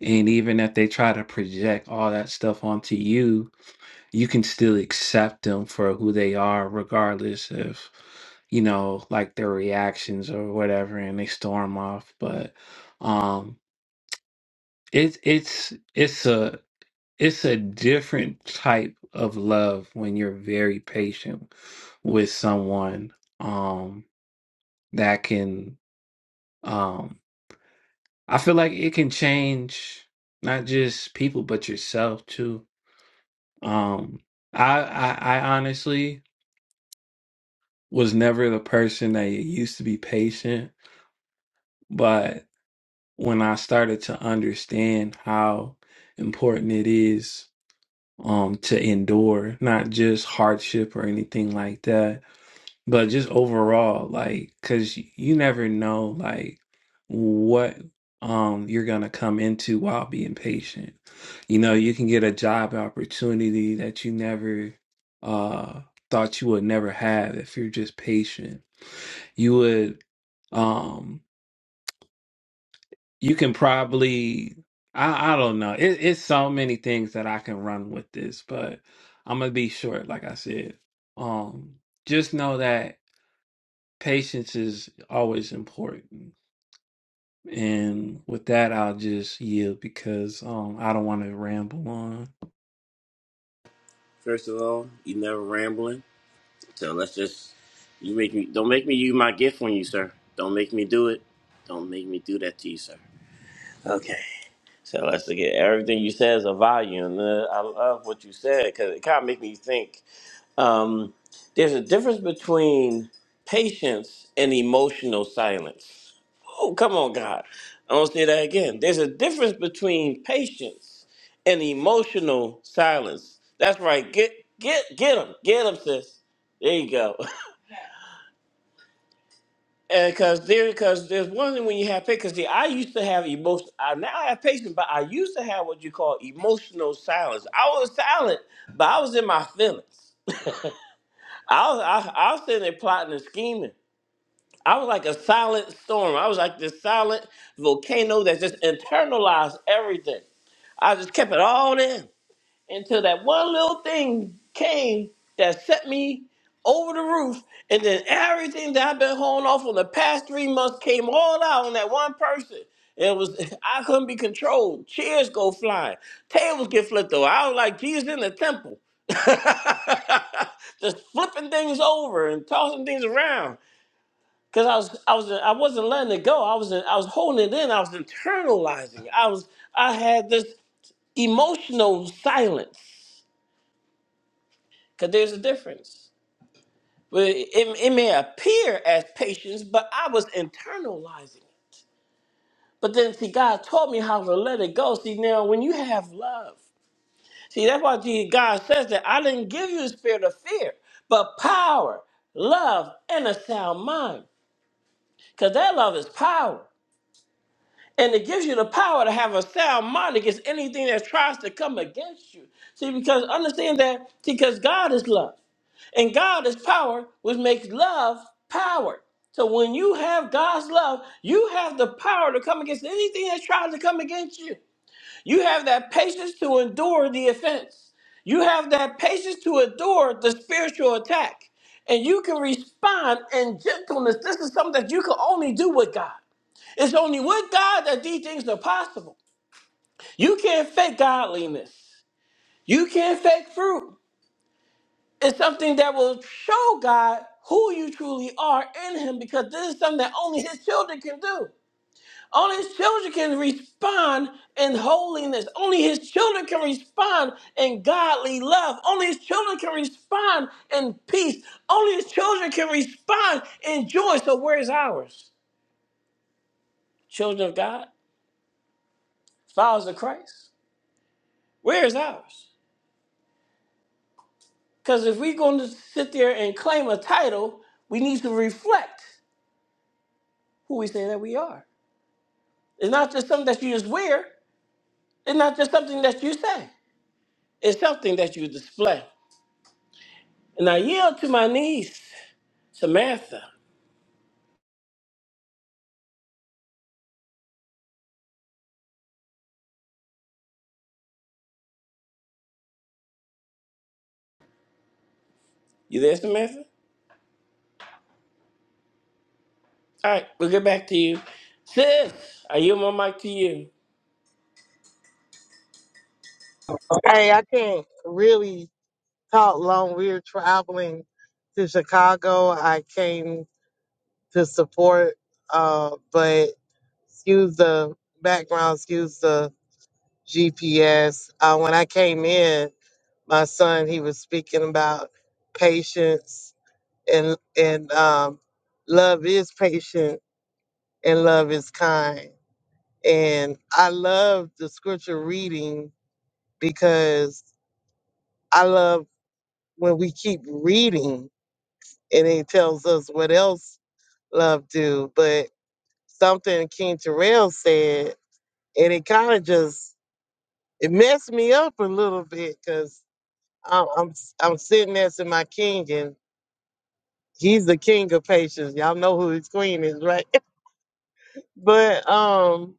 Speaker 3: And even if they try to project all that stuff onto you, you can still accept them for who they are, regardless if you know, like their reactions or whatever, and they storm off. But um, it's it's it's a it's a different type of love when you're very patient with someone um, that can. Um, I feel like it can change not just people but yourself too. Um, I, I I honestly was never the person that used to be patient, but when I started to understand how important it is um to endure not just hardship or anything like that, but just overall like cuz you never know like what um you're going to come into while being patient. You know, you can get a job opportunity that you never uh thought you would never have if you're just patient you would um you can probably i i don't know it, it's so many things that i can run with this but i'm gonna be short like i said um just know that patience is always important and with that i'll just yield because um i don't want to ramble on
Speaker 1: First of all, you never rambling. So let's just you make me don't make me use my gift on you, sir. Don't make me do it. Don't make me do that to you, sir. Okay. So let's look at everything you said is a value, and uh, I love what you said because it kind of make me think. Um, there's a difference between patience and emotional silence. Oh, come on, God! I don't say that again. There's a difference between patience and emotional silence. That's right. Get get get them, get them, sis. There you go. because there because there's one thing when you have patience. See, I used to have emotion. I now I have patience, but I used to have what you call emotional silence. I was silent, but I was in my feelings. I was I, I was sitting there plotting and scheming. I was like a silent storm. I was like this silent volcano that just internalized everything. I just kept it all in until that one little thing came that set me over the roof, and then everything that I've been holding off on the past three months came all out on that one person. It was I couldn't be controlled. Chairs go flying, tables get flipped over. I was like Jesus in the temple, just flipping things over and tossing things around. Cause I was I was I wasn't letting it go. I was I was holding it in. I was internalizing. I was I had this emotional silence because there's a difference. Well, It, it may appear as patience, but I was internalizing it. But then, see, God taught me how to let it go. See, now when you have love, see, that's why Jesus, God says that I didn't give you the spirit of fear, but power, love, and a sound mind. Because that love is power. And it gives you the power to have a sound mind against anything that tries to come against you. See, because understand that, see, because God is love. And God is power, which makes love power. So when you have God's love, you have the power to come against anything that's trying to come against you. You have that patience to endure the offense. You have that patience to endure the spiritual attack. And you can respond in gentleness. This is something that you can only do with God. It's only with God that these things are possible. You can't fake godliness. You can't fake fruit. It's something that will show God who you truly are in Him because this is something that only His children can do. Only His children can respond in holiness. Only His children can respond in godly love. Only His children can respond in peace. Only His children can respond in joy. So, where is ours? Children of God, followers of Christ, where is ours? Because if we're going to sit there and claim a title, we need to reflect who we say that we are. It's not just something that you just wear. It's not just something that you say. It's something that you display. And I yield to my niece, Samantha. You there, Samantha? All right, we'll get back to you. Sis, I yield my mic to you.
Speaker 4: Hey, I can't really talk long. We are traveling to Chicago. I came to support, uh, but excuse the background, excuse the GPS. Uh, when I came in, my son he was speaking about patience and and um, love is patient and love is kind. And I love the scripture reading because I love when we keep reading and he tells us what else love do. But something King Terrell said, and it kind of just it messed me up a little bittbecause I'm, I'm s- I'm sitting there to my king, and he's the king of patience. Y'all know who his queen is, right? but um,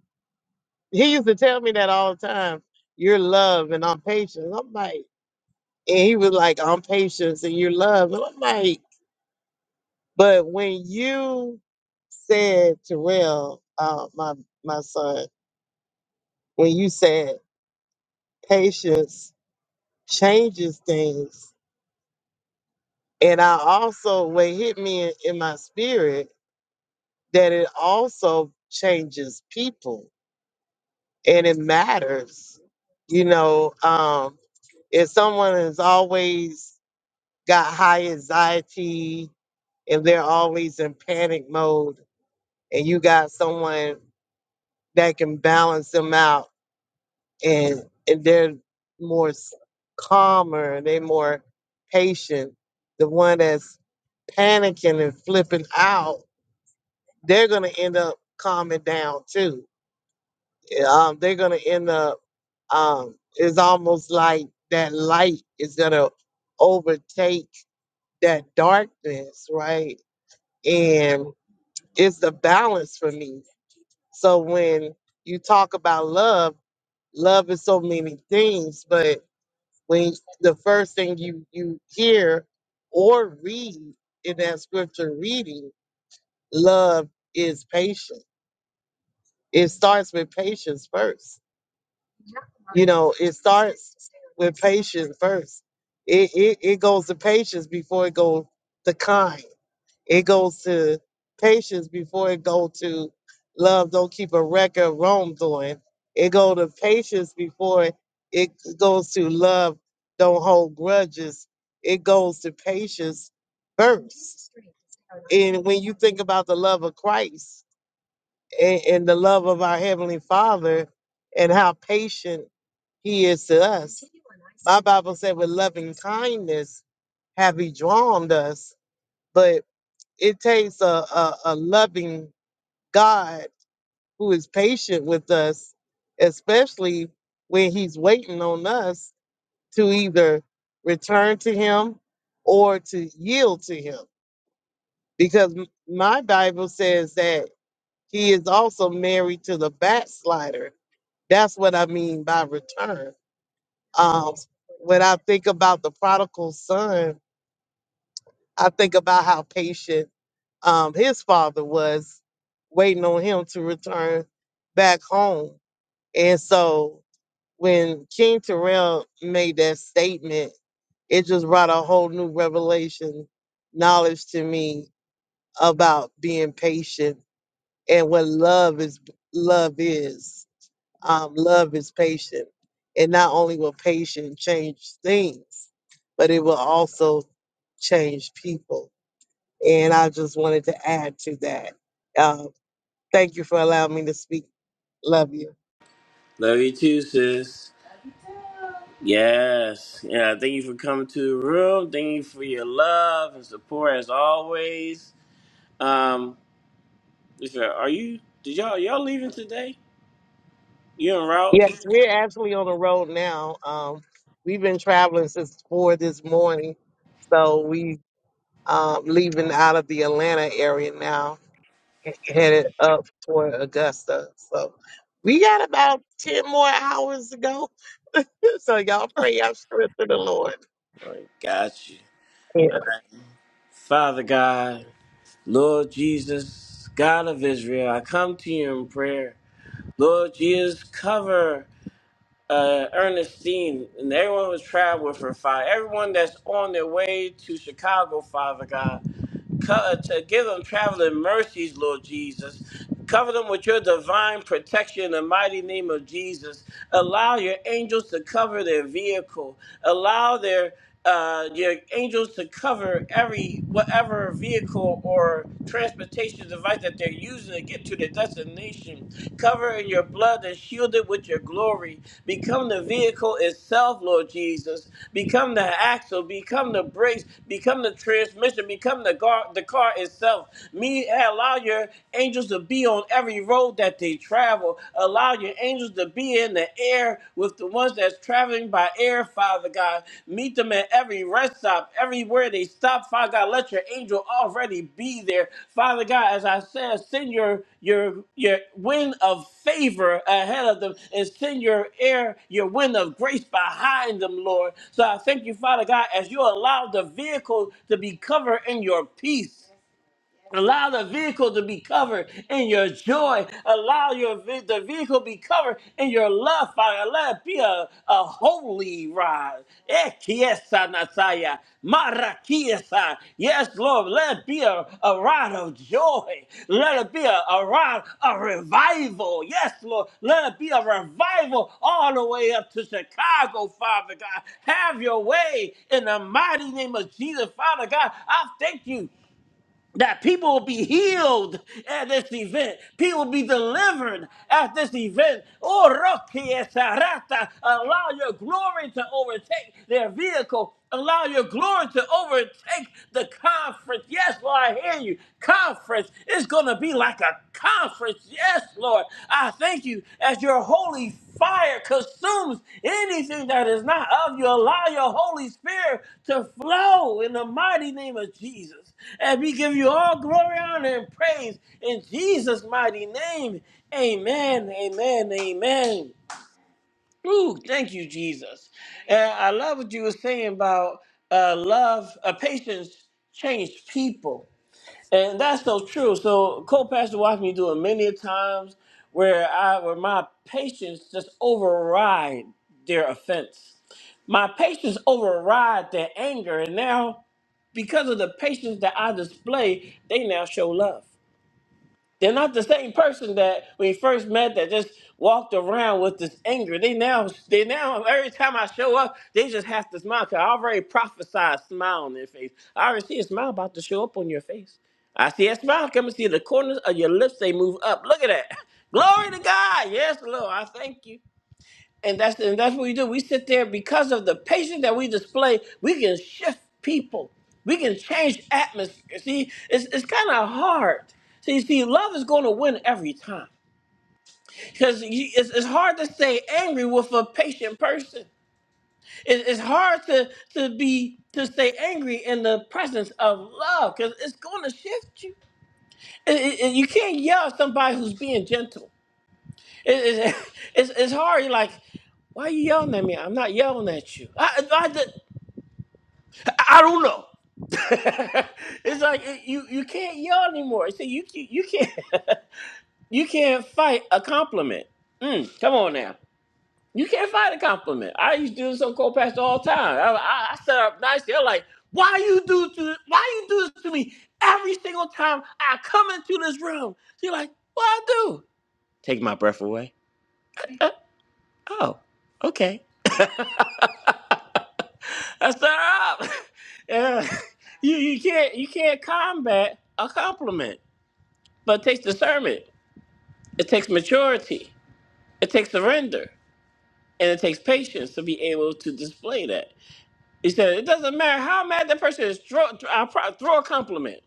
Speaker 4: he used to tell me that all the time. You're love, and I'm patient. I'm like, and he was like, I'm patience, and you're love, and I'm like. But when you said, Terrell, uh, my my son, when you said patience changes things, and I also what hit me in, in my spirit that it also changes people, and it matters. You know, um, if someone has always got high anxiety and they're always in panic mode, and you got someone that can balance them out and and they're more s- calmer, they're more patient. The one that's panicking and flipping out, they're gonna end up calming down too. Yeah, Um, they're gonna end up. Um, it's almost like that light is gonna overtake that darkness, right? And it's the balance for me. So when you talk about love, love is so many things, but when the first thing you you hear or read in that scripture reading love is patient it starts with patience first you know it starts with patience first it it, it goes to patience before it goes to kind It goes to patience before it go to love. Don't keep a record of wrongdoing. It go to patience before it it goes to love. Don't hold grudges. It goes to patience first. And when you think about the love of Christ and, and the love of our Heavenly Father and how patient He is to us, my Bible said with loving kindness have He drawn us. But it takes a, a, a loving God who is patient with us, especially when He's waiting on us to either return to Him or to yield to Him. Because m- my Bible says that He is also married to the backslider. That's what I mean by return. Um, when I think about the prodigal son, I think about how patient um, his father was waiting on him to return back home. And so when King Terrell made that statement, it just brought a whole new revelation knowledge to me about being patient and what love is love is um, love is patient and not only will patience change things but it will also change people and I just wanted to add to that. Uh, thank you for allowing me to speak. Love you.
Speaker 1: Love you too, sis. Yes. Yeah, thank you for coming to the room. Thank you for your love and support as always. Um, listen, are you did y'all y'all leaving today? You en route?
Speaker 4: Yes, we're actually on the road now. Um, we've been traveling since four this morning, so we um, leaving out of the Atlanta area now, headed up toward Augusta. So we got about ten more hours to go. so y'all pray y'all strength to the Lord.
Speaker 1: All right, got you.
Speaker 4: Yeah.
Speaker 1: Father God. Lord Jesus, God of Israel, I come to you in prayer. Lord Jesus, cover uh, Ernestine and everyone who's traveled with her, Father. Everyone that's on their way to Chicago, Father God. Co- uh, to give them traveling mercies, Lord Jesus. Cover them with your divine protection in the mighty name of Jesus. Allow your angels to cover their vehicle. Allow their uh, your angels to cover every whatever vehicle or transportation device that they're using to get to their destination. Cover in your blood and shield it with your glory. Become the vehicle itself, Lord Jesus. Become the axle. Become the brakes. Become the transmission. Become the car, the car itself. Me, allow your angels to be on every road that they travel. Allow your angels to be in the air with the ones that's traveling by air, Father God. Meet them at every rest stop, everywhere they stop, Father God, let your angel already be there. Father God, as I said, send your your your wind of favor ahead of them and send your air, your wind of grace behind them, Lord. So I thank you, Father God, as you allow the vehicle to be covered in your peace. Allow the vehicle to be covered in your joy. Allow your ve- the vehicle be covered in your love Father. Let it be a, a holy ride. Ekiesa nasaya, marakiesa. Yes, Lord, let it be a, a ride of joy. Let it be a, a ride of revival. Yes, Lord, let it be a revival all the way up to Chicago, Father God. Have your way in the mighty name of Jesus, Father God. I thank you that people will be healed at this event. People will be delivered at this event. Oh, Rokia Sarata, allow your glory to overtake their vehicle. Allow your glory to overtake the conference. Yes, Lord, I hear you. Conference is going to be like a conference. Yes, Lord. I thank you as your holy fire consumes anything that is not of you. Allow your Holy Spirit to flow in the mighty name of Jesus. And we give you all glory, honor, and praise in Jesus' mighty name. Amen. Amen. Amen. Ooh, thank you, Jesus. And I love what you were saying about uh, love, uh, patience changed people. And that's so true. So co-pastor watched me do it many a times where I where my patience just override their offense. My patience override their anger. And now because of the patience that I display, they now show love. They're not the same person that when you first met that just walked around with this anger. They now, they now, every time I show up, they just have to smile because I already prophesied a smile on their face. I already see a smile about to show up on your face. I see a smile coming, see the corners of your lips, they move up. Look at that. Glory to God. Yes, Lord, I thank you. And that's and that's what we do. We sit there because of the patience that we display, we can shift people. We can change atmosphere. See, it's, it's kind of hard. See, see, love is going to win every time because it's, it's hard to stay angry with a patient person. It, it's hard to to be to stay angry in the presence of love because it's going to shift you. It- it- it- you can't yell at somebody who's being gentle. It, it, it's, it's hard. You're like, why are you yelling at me? I'm not yelling at you. I, I, did- I don't know. it's like eh, you, you can't yell anymore. See, you, you, you can't you can't fight a compliment. Mm, come on now. You can't fight a compliment. I used to do some co-pastor all the time. I, I, I set up nice. They're like, why you do to why you do this to me every single time I come into this room? You're like, what I do? Take my breath away. Oh, okay. That's not up. Yeah. You you can't you can't combat a compliment. But it takes discernment. It takes maturity. It takes surrender. And it takes patience to be able to display that. He said, it doesn't matter how mad that person is, throw, I'll pro- throw a compliment.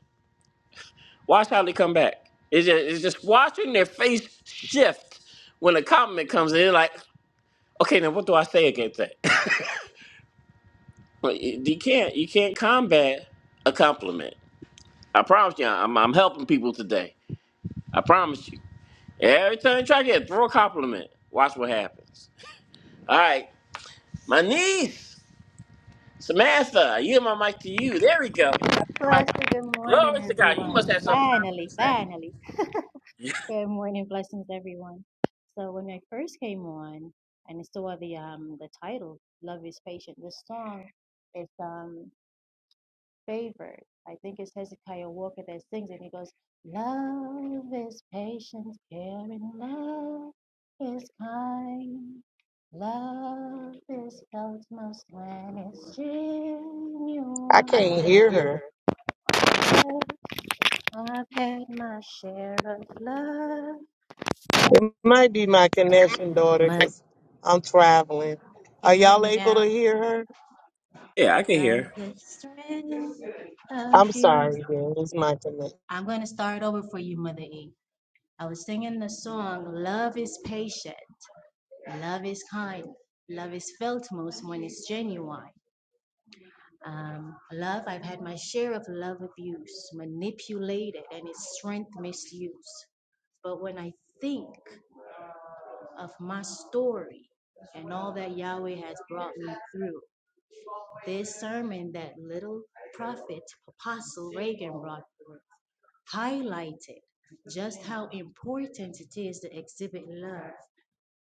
Speaker 1: Watch how they come back. It's just, it's just watching their face shift when a compliment comes in. They're like, okay, now what do I say against that? But you you can't you can't combat a compliment. I promise you, I'm, I'm helping people today. I promise you. Every time you try to get throw a compliment, watch what happens. All right, my niece Samantha, I yield my mic to you. There we go. Got that mic.
Speaker 5: Blessed good morning,
Speaker 1: Glory to God. You
Speaker 5: everyone.
Speaker 1: must have some power to
Speaker 5: Finally,
Speaker 1: say.
Speaker 5: finally. Good morning, blessings, everyone. So when I first came on, and I saw the um the title, "Love Is Patient," this song is um favored. I think it's Hezekiah Walker that sings it. and He goes, "Love is patient, caring. Love is kind. Love is felt most when it's
Speaker 4: I
Speaker 5: genuine." I
Speaker 4: can't
Speaker 5: can't
Speaker 4: hear
Speaker 5: hear
Speaker 4: her.
Speaker 5: her. I've had my share of love.
Speaker 4: It might be my connection, daughter,
Speaker 5: My
Speaker 4: because I'm traveling. Are
Speaker 5: Can you hear
Speaker 4: y'all
Speaker 5: me
Speaker 4: able to
Speaker 5: now?
Speaker 4: hear her?
Speaker 1: Yeah, I can hear.
Speaker 5: But the strength of
Speaker 4: I'm
Speaker 5: you.
Speaker 4: sorry, then. It's my connection.
Speaker 5: I'm going to start over for you, Mother E. I was singing the song, Love is Patient, Love is Kind, Love is Felt Most When It's Genuine. Um, love, I've had my share of love abuse, manipulated, and its strength misused. But when I think of my story and all that Yahweh has brought me through, This sermon that little prophet Apostle Reagan brought highlighted just how important it is to exhibit love.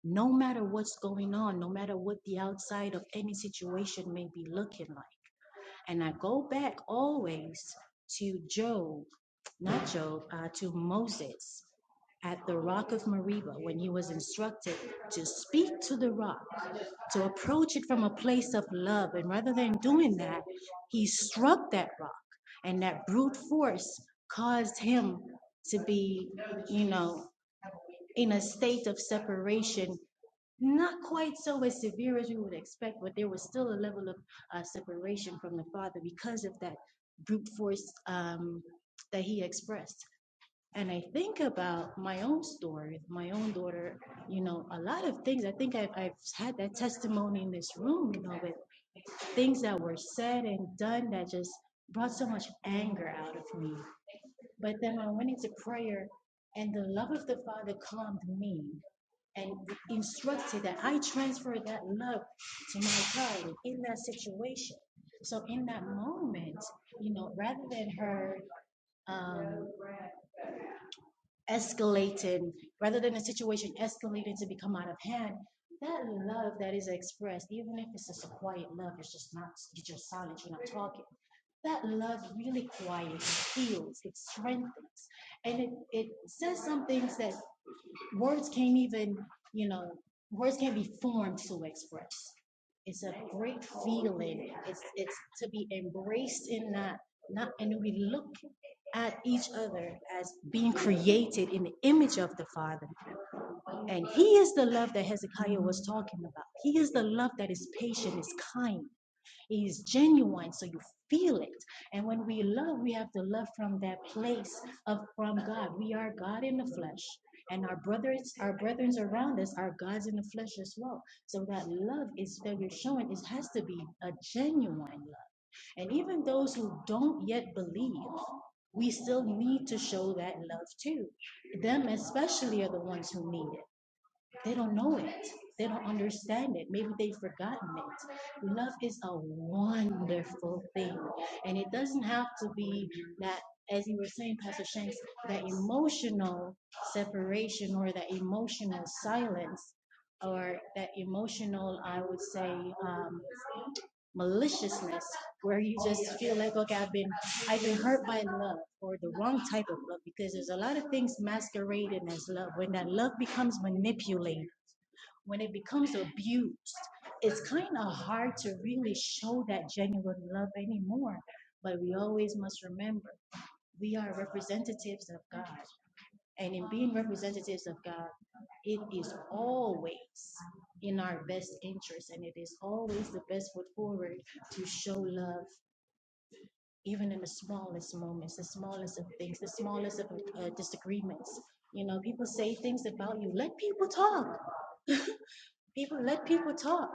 Speaker 5: No matter what's going on, no matter what the outside of any situation may be looking like. And I go back always to Job, not Job, uh, to Moses at the rock of Meribah when he was instructed to speak to the rock to approach it from a place of love. And rather than doing that, he struck that rock, and that brute force caused him to be, you know, in a state of separation. Not quite so as severe as we would expect, but there was still a level of uh, separation from the father because of that brute force um, that he expressed and I think about my own story with my own daughter, you know, a lot of things. I think I've, I've had that testimony in this room, you know, with things that were said and done that just brought so much anger out of me. But then I went into prayer, and the love of the Father calmed me and instructed that I transfer that love to my child in that situation. So in that moment, you know, rather than her um, escalating rather than a situation escalating to become out of hand that love that is expressed even if it's just a quiet love it's just not you're just silent you're not talking that love really quiets heals it strengthens and it, it says some things that words can't even, you know, words can't be formed to express. It's a great feeling. It's it's to be embraced in that. Not and we look at each other as being created in the image of the Father. And He is the love that Hezekiah was talking about. He is the love that is patient, is kind is genuine so you feel it and when we love we have to love from that place of from god we are god in the flesh and our brothers our brethren around us are gods in the flesh as well so that love is that we're showing is has to be a genuine love and even those who don't yet believe we still need to show that love too them especially are the ones who need it they don't know it. They don't understand it. Maybe they've forgotten it. Love is a wonderful thing. And it doesn't have to be that, as you were saying, Pastor Shanks, that emotional separation or that emotional silence or that emotional, I would say, um, maliciousness where you just feel like, okay, I've been, I've been hurt by love or the wrong type of love because there's a lot of things masquerading as love. When that love becomes manipulated, when it becomes abused, it's kind of hard to really show that genuine love anymore. But we always must remember we are representatives of God. And in being representatives of God, it is always in our best interest and it is always the best foot forward to show love, even in the smallest moments, the smallest of things, the smallest of uh, disagreements. You know, people say things about you. Let people talk People let people talk.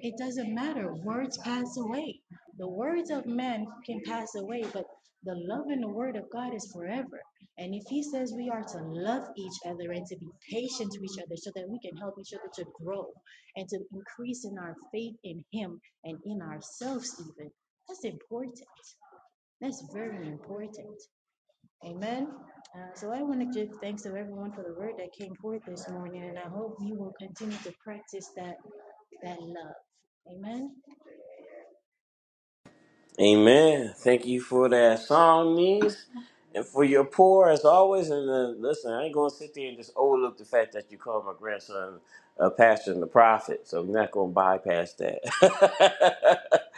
Speaker 5: It doesn't matter. Words pass away. The words of men can pass away, but the love and the word of God is forever. And if he says we are to love each other and to be patient to each other so that we can help each other to grow and to increase in our faith in him and in ourselves even, that's important. That's very important. Amen. Uh, so I want to give thanks to everyone for the word that came forth this morning, and I hope you will continue to practice that that love. Amen.
Speaker 1: Amen. Thank you for that song, niece, and for your pour as always. And uh, listen, I ain't gonna sit there and just overlook the fact that you call my grandson a pastor and a prophet. So I'm not gonna bypass that.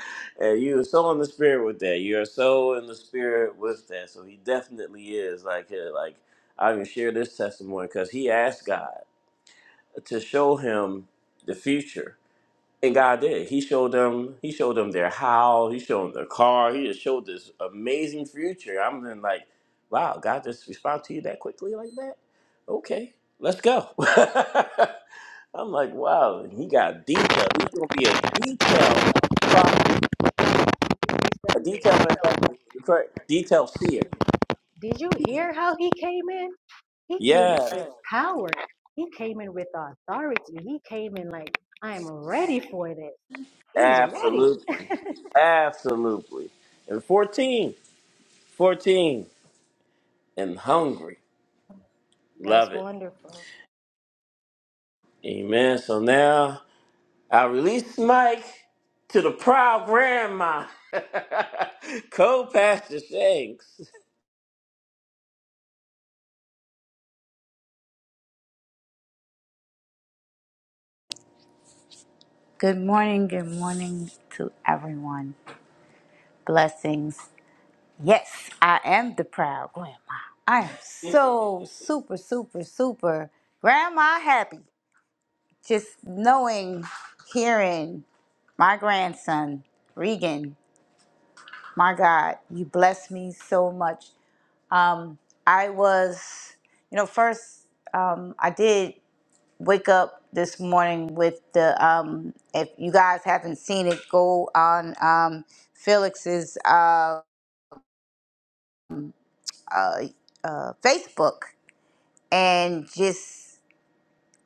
Speaker 1: and you are so in the spirit with that. You are so in the spirit with that. So he definitely is like uh, like I can share this testimony because he asked God to show him the future and God did. He showed them. He showed them their house. He showed them their car. He just showed this amazing future. I'm then like, wow, God just responded to you that quickly like that. Okay, let's go. I'm like, wow. and He got detail. He's gonna be a detailed prophet, a detailed
Speaker 5: Something.
Speaker 1: manufacturer, detailed seer.
Speaker 5: Did you hear how he came in? He came in
Speaker 1: Yes,
Speaker 5: with power. He came in with authority. He came in like, I'm ready for this. He's ready.
Speaker 1: absolutely. Absolutely. And 14, 14, and hungry.
Speaker 5: That's
Speaker 1: Love it.
Speaker 5: wonderful.
Speaker 1: Amen. So now I released Mike to the proud grandma, co-pastor Shanks.
Speaker 6: Good morning, good morning to everyone. Blessings. Yes, I am the proud grandma. I am so super, super, super grandma happy. Just knowing, hearing my grandson, Regan, my God, you bless me so much. Um, I was, you know, first um, I did wake up this morning with the um if you guys haven't seen it go on um felix's uh uh, uh facebook and just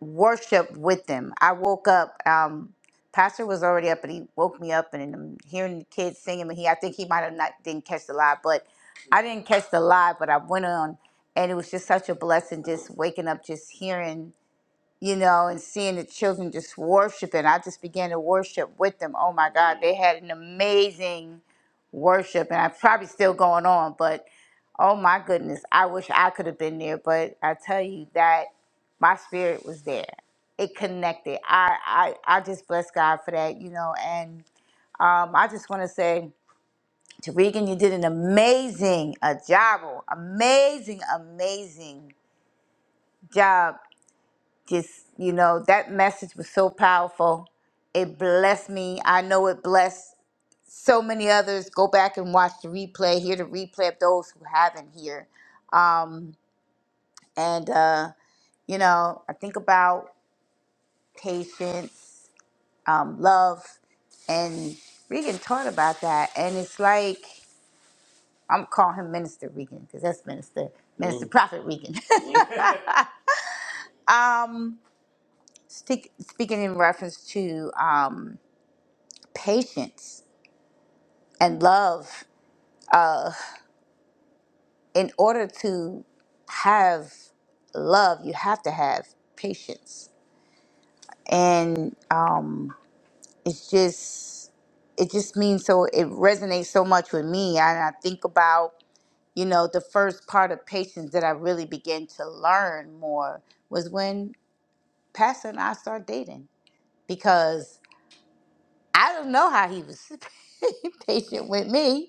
Speaker 6: worship with them i woke up um pastor was already up and he woke me up and i'm hearing the kids singing and he i think he might have not didn't catch the live but i didn't catch the live but i went on and it was just such a blessing just waking up just hearing you know, and seeing the children just worshiping. I just began to worship with them. Oh my God, they had an amazing worship, and I probably still going on, but oh my goodness, I wish I could have been there. But I tell you that my spirit was there. It connected. I I, I just bless God for that, you know, and um, I just want to say to Regan, you did an amazing a job, amazing, amazing job just you know that message was so powerful it blessed me i know it blessed so many others go back and watch the replay hear the replay of those who haven't here um and uh you know i think about patience um love and regan taught about that and it's like i'm calling him minister regan because that's minister minister Mhm. prophet regan Speak, speaking in reference to um patience and love in order to have love, you have to have patience. And um, it's just, it just means so, it resonates so much with me. And I think about, you know, the first part of patience that I really began to learn more was when Pastor and I started dating because I don't know how he was patient with me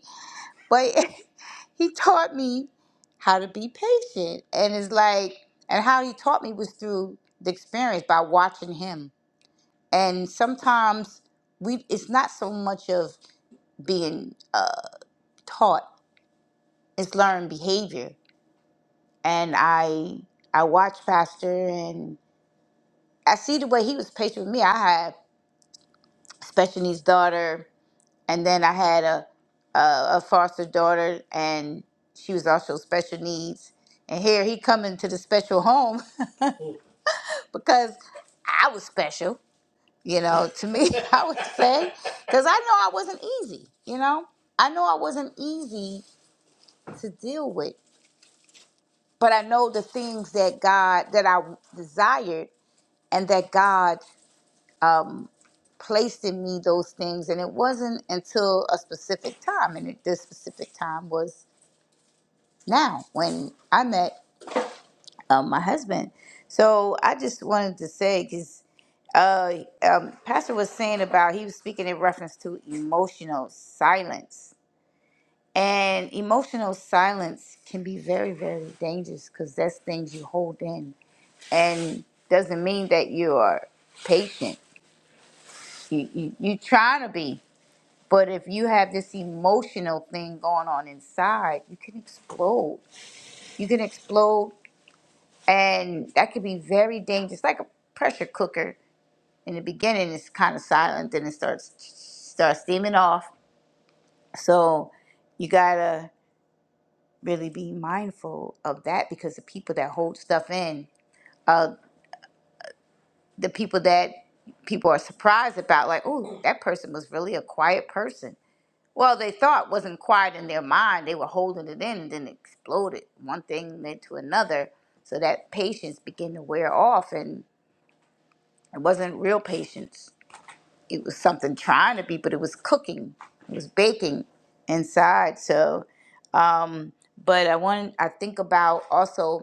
Speaker 6: but he taught me how to be patient and it's like and how he taught me was through the experience by watching him and sometimes we it's not so much of being uh, taught it's learned behavior and i i watch pastor and i see the way he was patient with me i had special needs daughter and then I had a, a a foster daughter, and she was also special needs. And here he coming to the special home because I was special, you know, to me, I would say, because I know I wasn't easy, you know, I know I wasn't easy to deal with, but I know the things that God that I desired and that God um, placed in me those things, and it wasn't until a specific time, and it, this specific time was now when I met uh, my husband. So I just wanted to say because uh, um, Pastor was saying about he was speaking in reference to emotional silence, and emotional silence can be very very dangerous because that's things you hold in, and doesn't mean that you are patient. You you you trying to be. But if you have this emotional thing going on inside, you can explode. You can explode and that could be very dangerous like a pressure cooker in the beginning it's kind of silent then it starts starts steaming off so you gotta really be mindful of that because the people that hold stuff in the people that people are surprised about like oh that person was really a quiet person well they thought wasn't quiet in their mind they were holding it in and then it exploded one thing led to another so that patience began to wear off and it wasn't real patience it was something trying to be, but it was cooking, it was baking inside. So, but I want I think about also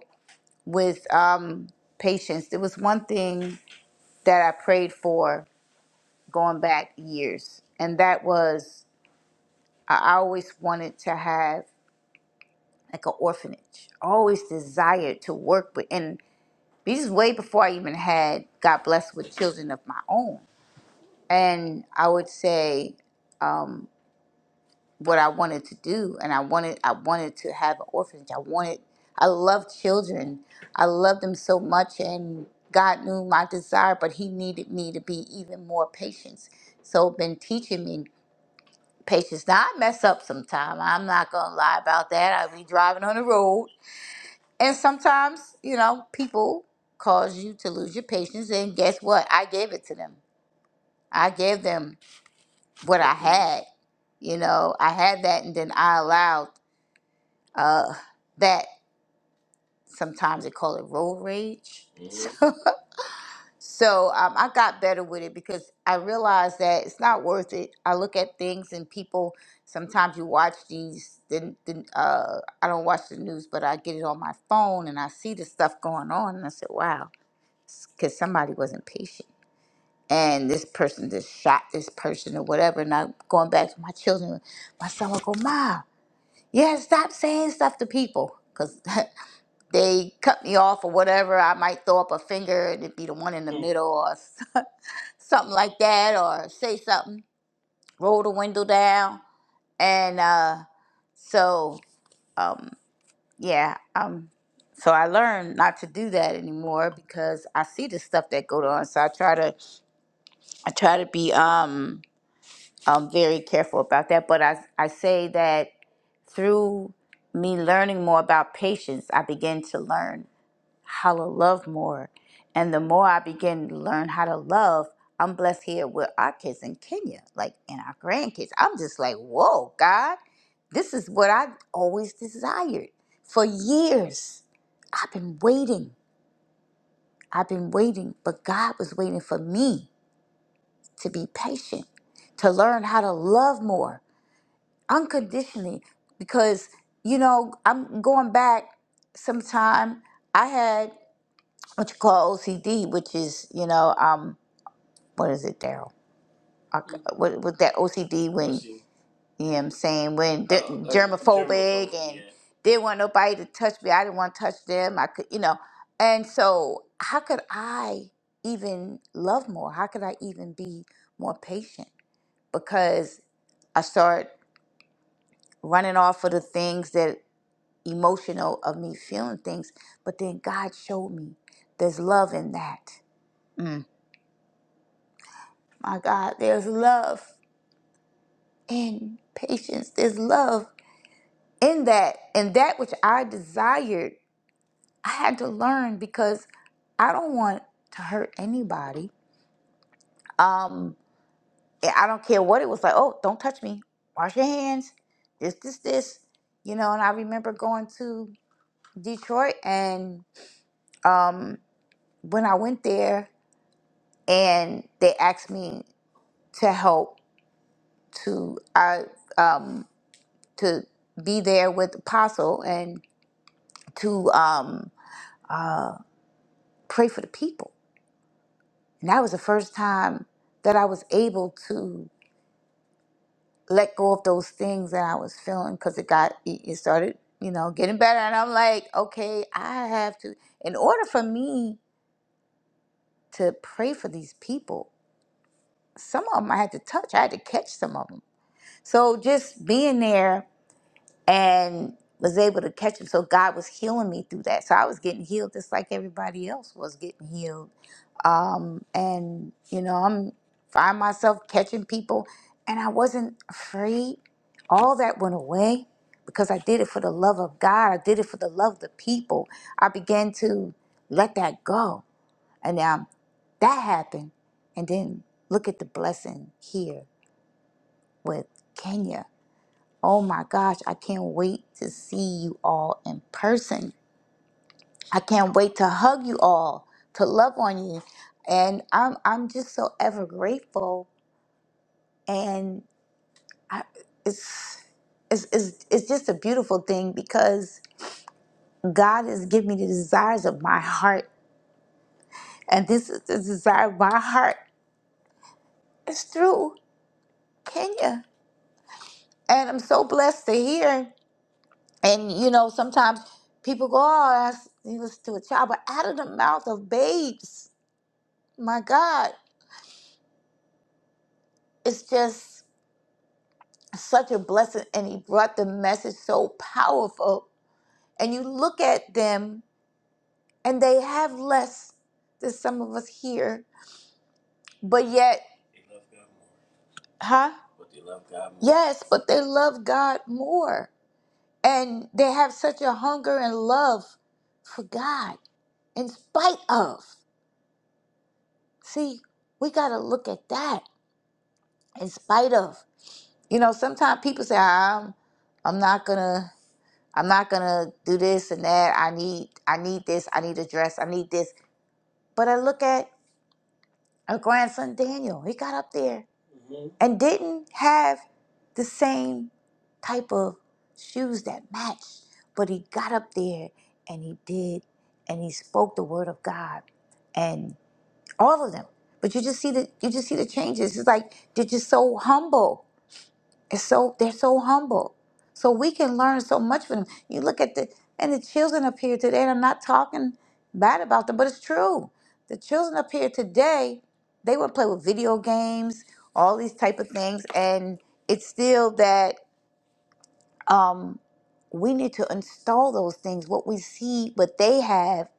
Speaker 6: with um, patience. There was one thing that I prayed for going back years, and that was I always wanted to have like an orphanage. Always desired to work with, and this is way before I even had got blessed with children of my own. And I would say what I wanted to do, and I wanted I wanted to have an orphanage. I wanted I love children. I love them so much, and God knew my desire, but He needed me to be even more patient. So been teaching me patience. Now I mess up sometimes. I'm not gonna lie about that. I be driving on the road, and sometimes you know people cause you to lose your patience. And guess what? I gave it to them. I gave them what I had. You know, I had that, and then I allowed uh, that sometimes they call it road rage. Mhm. So so um, I got better with it because I realized that it's not worth it. I look at things and people. Sometimes you watch these. The, the, uh, I don't watch the news, but I get it on my phone and I see the stuff going on, and I said, "Wow," because somebody wasn't patient. And this person just shot this person or whatever. And I'm going back to my children. My son will go, "Mom, yeah, stop saying stuff to people," because they cut me off or whatever, I might throw up a finger and it'd be the one in the middle or something like that, or say something, roll the window down. And uh, so, um, yeah, um, so I learned not to do that anymore because I see the stuff that go on. So I try to, I try to be um, um, very careful about that. But I, I say that through me learning more about patience, I begin to learn. how to love more. And the more I begin to learn how to love, I'm blessed here with our kids in Kenya, like and our grandkids. I'm just like, whoa, God, this is what I always desired. For years, I've been waiting. I've been waiting, but God was waiting for me to be patient, to learn how to love more unconditionally. Because, you know, I'm going back sometime. I had what you call OCD, which is you know um what is it, Daryl? I c- What what that OCD when you know I'm saying when they're germophobic and yeah. didn't want nobody to touch me. I didn't want to touch them. I could you know, and so how could I even love more? How could I even be more patient? Because I start running off of the things that emotional of me feeling things, but then God showed me there's love in that. Mm. My God, there's love in patience. There's love in that. And that which I desired, I had to learn because I don't want to hurt anybody. Um, and I don't care what it was like. Oh, don't touch me. Wash your hands. This, this, this. You know, and I remember going to Detroit and um, when I went there and they asked me to help to I um to be there with Apostle, to um, pray for the people. And that was the first time that I was able to let go of those things that I was feeling because it got, it it started, you know, getting better. And I'm like, okay, I have to, in order for me to pray for these people, some of them I had to touch, I had to catch some of them. So just being there and was able to catch them. So God was healing me through that. So I was getting healed just like everybody else was getting healed um, and you know i'm find myself catching people and i wasn't afraid all that went away because i did it for the love of god i did it for the love of the people i began to let that go and now that happened and then look at the blessing here with kenya oh my gosh i can't wait to see you all in person I can't wait to hug you all, to love on you, and I'm I'm just so ever grateful, and I, it's, it's it's it's just a beautiful thing because God has given me the desires of my heart, and this is the desire of my heart is through Kenya, and I'm so blessed to hear. And you know, sometimes people go, "Oh, that's needless to a child," but out of the mouth of babes, my God, it's just. such a blessing and he brought the message so powerful and you look at them and they have less than some of us here but yet huh yes but they love god more and they have such a hunger and love for god in spite of see we got to look at that in spite of you know sometimes people say "Ah, i'm i'm not gonna I'm not gonna do this and that. I need I need this. I need a dress. I need this. But I look at our grandson Daniel. He got up there and didn't have the same type of shoes that matched, but he got up there and he did and he spoke the word of God and all of them. But you just see the you just see the changes. It's like they're just so humble it's so they're so humble. So we can learn so much from them. You look at the and the children up here today, and I'm not talking bad about them, but it's true. The children up here today, they would play with video games, all these type of things, and it's still that um, we need to install those things. What we see, what they have,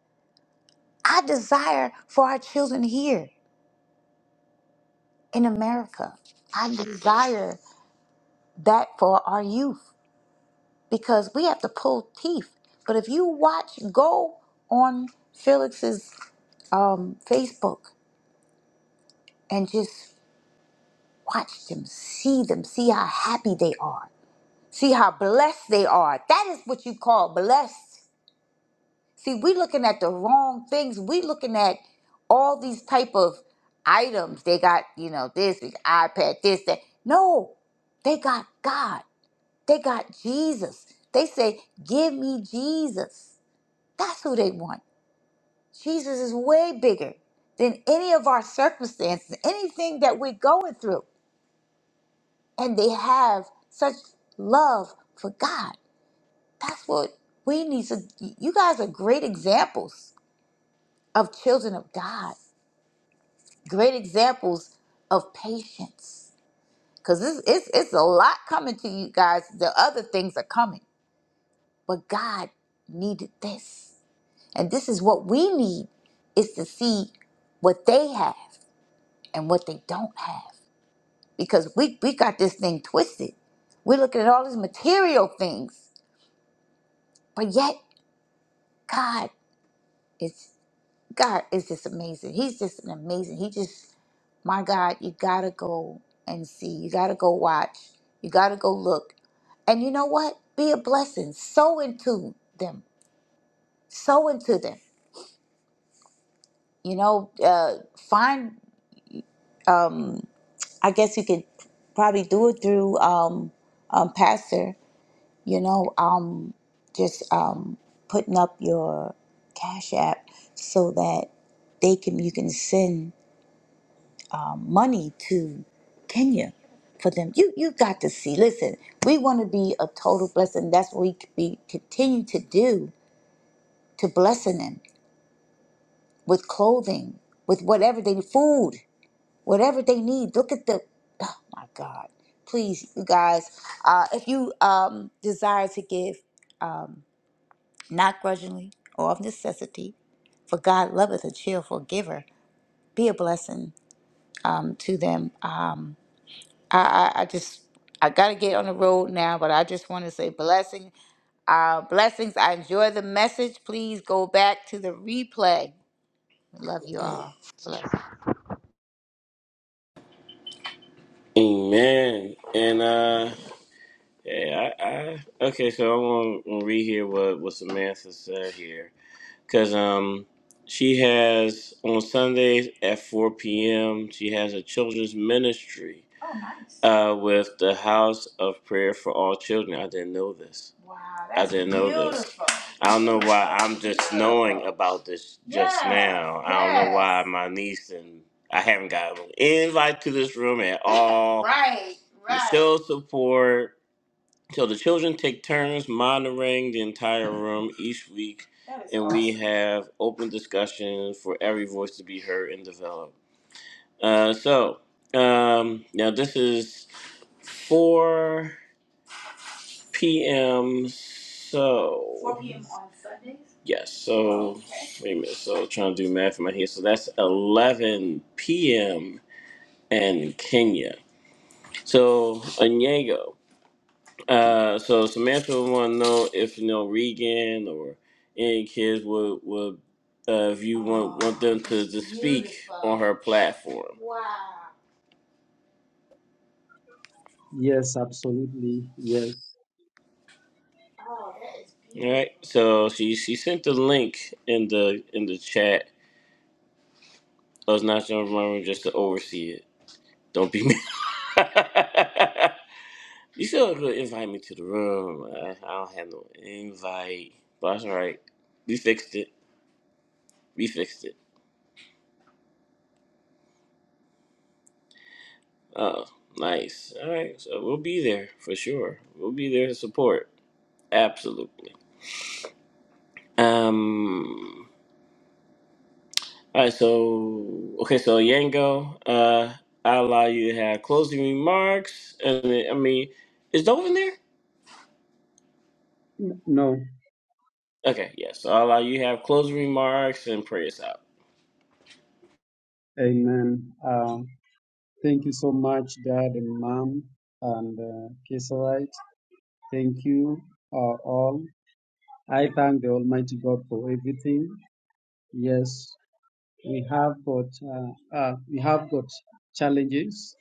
Speaker 6: I desire for our children here in America. I desire that for our youth. because we have to pull teeth. But if you watch, go on Felix's um, Facebook and just watch them, see them, see how happy they are, see how blessed they are. That is what you call blessed. See, we looking at the wrong things. We looking at all these type of items. They got, you know, this this iPad, this, that. No, they got God. They got Jesus. They say, give me Jesus. That's who they want. Jesus is way bigger than any of our circumstances, anything that we're going through. And they have such love for God. That's what we need. So you guys are great examples of children of God, great examples of patience. Because it's, it's, it's a lot coming to you guys. The other things are coming. But God needed this. And this is what we need is to see what they have and what they don't have because we, we got this thing twisted. We're looking at all these material things, but yet God is God is just amazing. He's just an amazing. He just my God, you gotta go and see. You gotta go watch. You gotta go look. And you know what? Be a blessing. Sow into them. Sow into them. You know, uh, find. Um, I guess you could probably do it through um, um, Pastor. you know, um, just um, putting up your Cash App so that they can you can send um, money to Kenya for them. You you got to see. Listen, we want to be a total blessing. That's what we c- be continue to do to blessing them with clothing, with whatever they food, whatever they need. Look at the oh my God. Please, you guys, uh, if you um, desire to give. um, not grudgingly or of necessity, for God loveth a cheerful giver. Be a blessing um, to them. Um, I, I, I just, I got to get on the road now, but I just want to say blessing, uh, blessings. I enjoy the message. Please go back to the replay. Love you all. Bless.
Speaker 1: Amen. And uh, yeah, I, I okay. So I want to read here what what Samantha said here. because um, she has on Sundays at 4 p.m. She has a children's ministry Oh, nice. uh, with the House of Prayer for All Children. I didn't know this. Wow, that's I didn't know this. beautiful. I don't know why I'm just Beautiful. knowing about this just Yes, now. I don't know yes. why my niece and I haven't got an invite to this room at all. Right, right. Show support so the children take turns monitoring the entire room each week, and we awesome. have open discussions for every voice to be heard and developed. Uh, so um, now this is 4 p.m. So 4 p.m. on Sundays. Yes. So Okay. wait a minute. So trying to do math in my head. So that's 11 p.m. in Kenya. So Onyango. Uh, so Samantha want to know if you know Regan or any kids would would uh, if you want want them to, to speak on her platform.
Speaker 2: Yes, absolutely. Yes.
Speaker 1: All right. So she she sent the link in the in the chat. I was not gonna remember just to oversee it. Don't be mad. you still could invite me to the room. I, I don't have no invite, but that's all right. We fixed it. We fixed it. Oh, nice. All right, so we'll be there for sure. We'll be there to support. Absolutely. Um. All right. So okay. So Yango, uh, I allow you to have closing remarks, and then, I mean, is Dove in there?
Speaker 2: N- No.
Speaker 1: Okay. Yes. Yeah, so I allow you to have closing remarks and pray us out.
Speaker 2: Amen. Uh, Thank you so much, Dad and Mom and uh, Kisarite. Thank you uh, all. I thank the Almighty God for everything. Yes, we have got uh, uh, we have got challenges,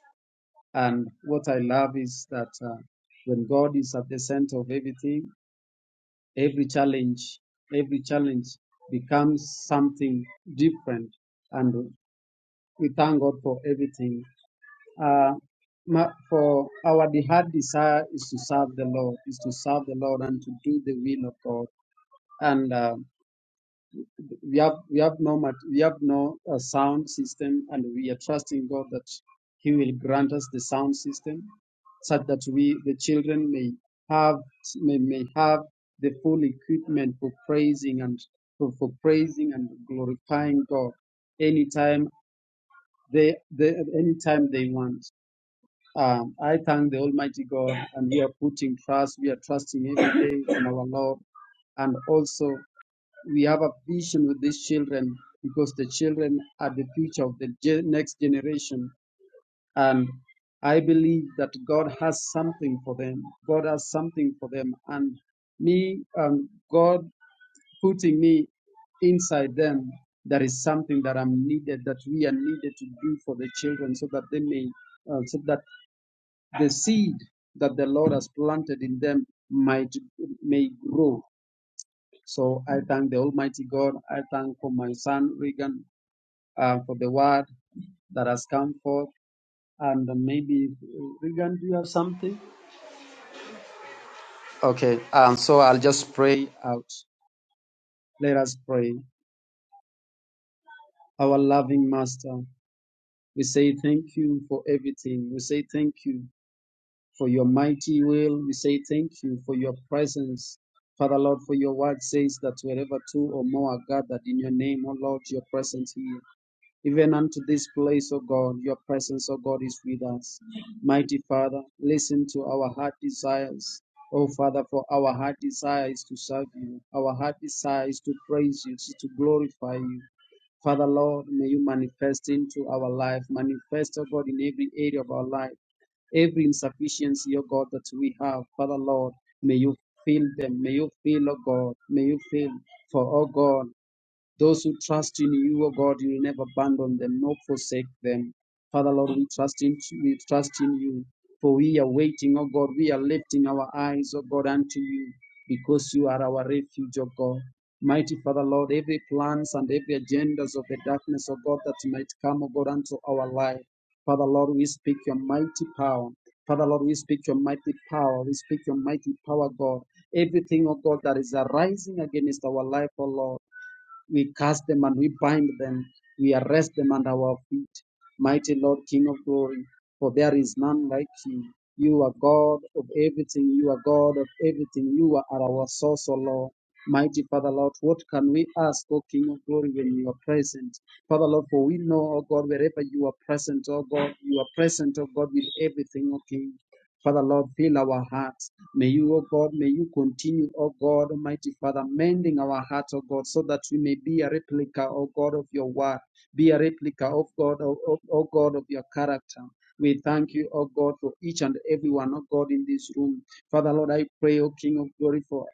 Speaker 2: and what I love is that uh, when God is at the center of everything, every challenge, every challenge becomes something different, and we thank God for everything. Uh, ma- for our heart desire is to serve the Lord, is to serve the Lord and to do the will of God. And uh, we have we have no mat- we have no uh, sound system, and we are trusting God that He will grant us the sound system, such that we the children may have may, may have the full equipment for praising and for, for praising and glorifying God anytime they, they anytime they want. Um, I thank the Almighty God, and we are putting trust, we are trusting every day in our Lord. And also, we have a vision with these children because the children are the future of the ge- next generation. And I believe that God has something for them. God has something for them. And me, um, God putting me inside them, there is something that I'm needed, that we are needed to do for the children so that they may. uh, so that the seed that the Lord has planted in them might may grow. So I thank the Almighty God. I thank for my son Regan uh, for the word that has come forth. And maybe Regan, do you have something? Okay. Um. So I'll just pray out. Let us pray. Our loving Master, we say thank you for everything. We say thank you for your mighty will. We say thank you for your presence. Father Lord, for your word says that wherever two or more are gathered in your name, O Lord, your presence here. Even unto this place, O God, your presence, O God, is with us. Mighty Father, listen to our heart desires. oh Father, for our heart desires to serve you. Our heart desires to praise you, to glorify you. Father Lord, may you manifest into our life, manifest, O God, in every area of our life every insufficiency, O God, that we have. Father Lord, may you fill them. May you fill, O God. May you fill for, O God. Those who trust in you, O God, you will never abandon them nor forsake them. Father, Lord, we trust in we trust in you. For we are waiting, O God, we are lifting our eyes, O God, unto you, because you are our refuge, O God. Mighty Father, Lord, every plans and every agendas of the darkness, O God, that might come, O God, unto our life. Father, Lord, we speak your mighty power. Father, Lord, we speak your mighty power. We speak your mighty power, God. Everything, O God, that is arising against our life, O Lord. We cast them and we bind them. We arrest them under our feet. Mighty Lord, King of glory, for there is none like you. You are God of everything. You are God of everything. You are our source, O Lord. Mighty Father, Lord, what can we ask, O King of glory, when you are present? Father, Lord, for we know, O God, wherever you are present, O God, you are present, O God, with everything, O King. Father, Lord, fill our hearts. May you, O God, may you continue, O God, Almighty Father, mending our hearts, O God, so that we may be a replica, O God, of your word, be a replica of God, O, O, O God, of your character. We thank you, O God, for each and every one, O God, in this room. Father, Lord, I pray, O King of glory, for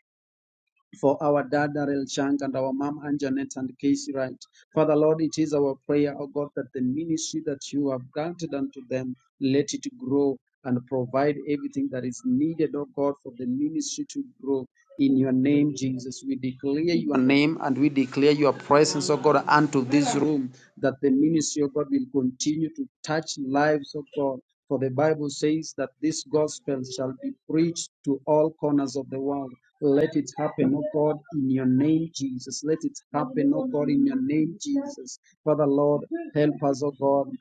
Speaker 2: for our dad Darrell Chang and our mom Anjanette and Casey Wright. Father Lord, it is our prayer, O God, that the ministry that you have granted unto them, let it grow and provide everything that is needed, O God, for the ministry to grow. In your name, Jesus, we declare your name and we declare your presence, oh God, unto this room, that the ministry, of God, will continue to touch lives, oh God. For the Bible says that this gospel shall be preached to all corners of the world. Let it happen, oh God, in your name, Jesus. Let it happen, oh God, in your name, Jesus. Father, Lord, help us, oh God.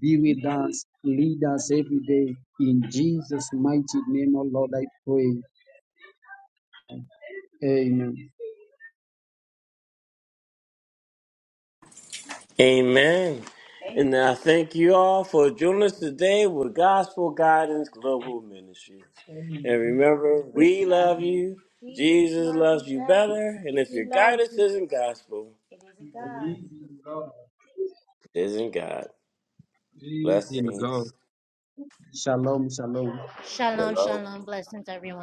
Speaker 2: Be with us, lead us every day. In Jesus' mighty name, oh Lord, I pray. Amen.
Speaker 1: Amen. And I thank you all for joining us today with Gospel Guidance Global Ministries. And remember, we love you. Jesus loves you better. And if
Speaker 2: We
Speaker 1: your
Speaker 2: love
Speaker 1: guidance
Speaker 2: you.
Speaker 1: isn't gospel,
Speaker 2: Peace in God.
Speaker 1: it isn't God.
Speaker 2: Peace in
Speaker 1: Blessings.
Speaker 2: God. Shalom, shalom.
Speaker 5: Shalom,
Speaker 1: Hello.
Speaker 5: shalom. Blessings, everyone.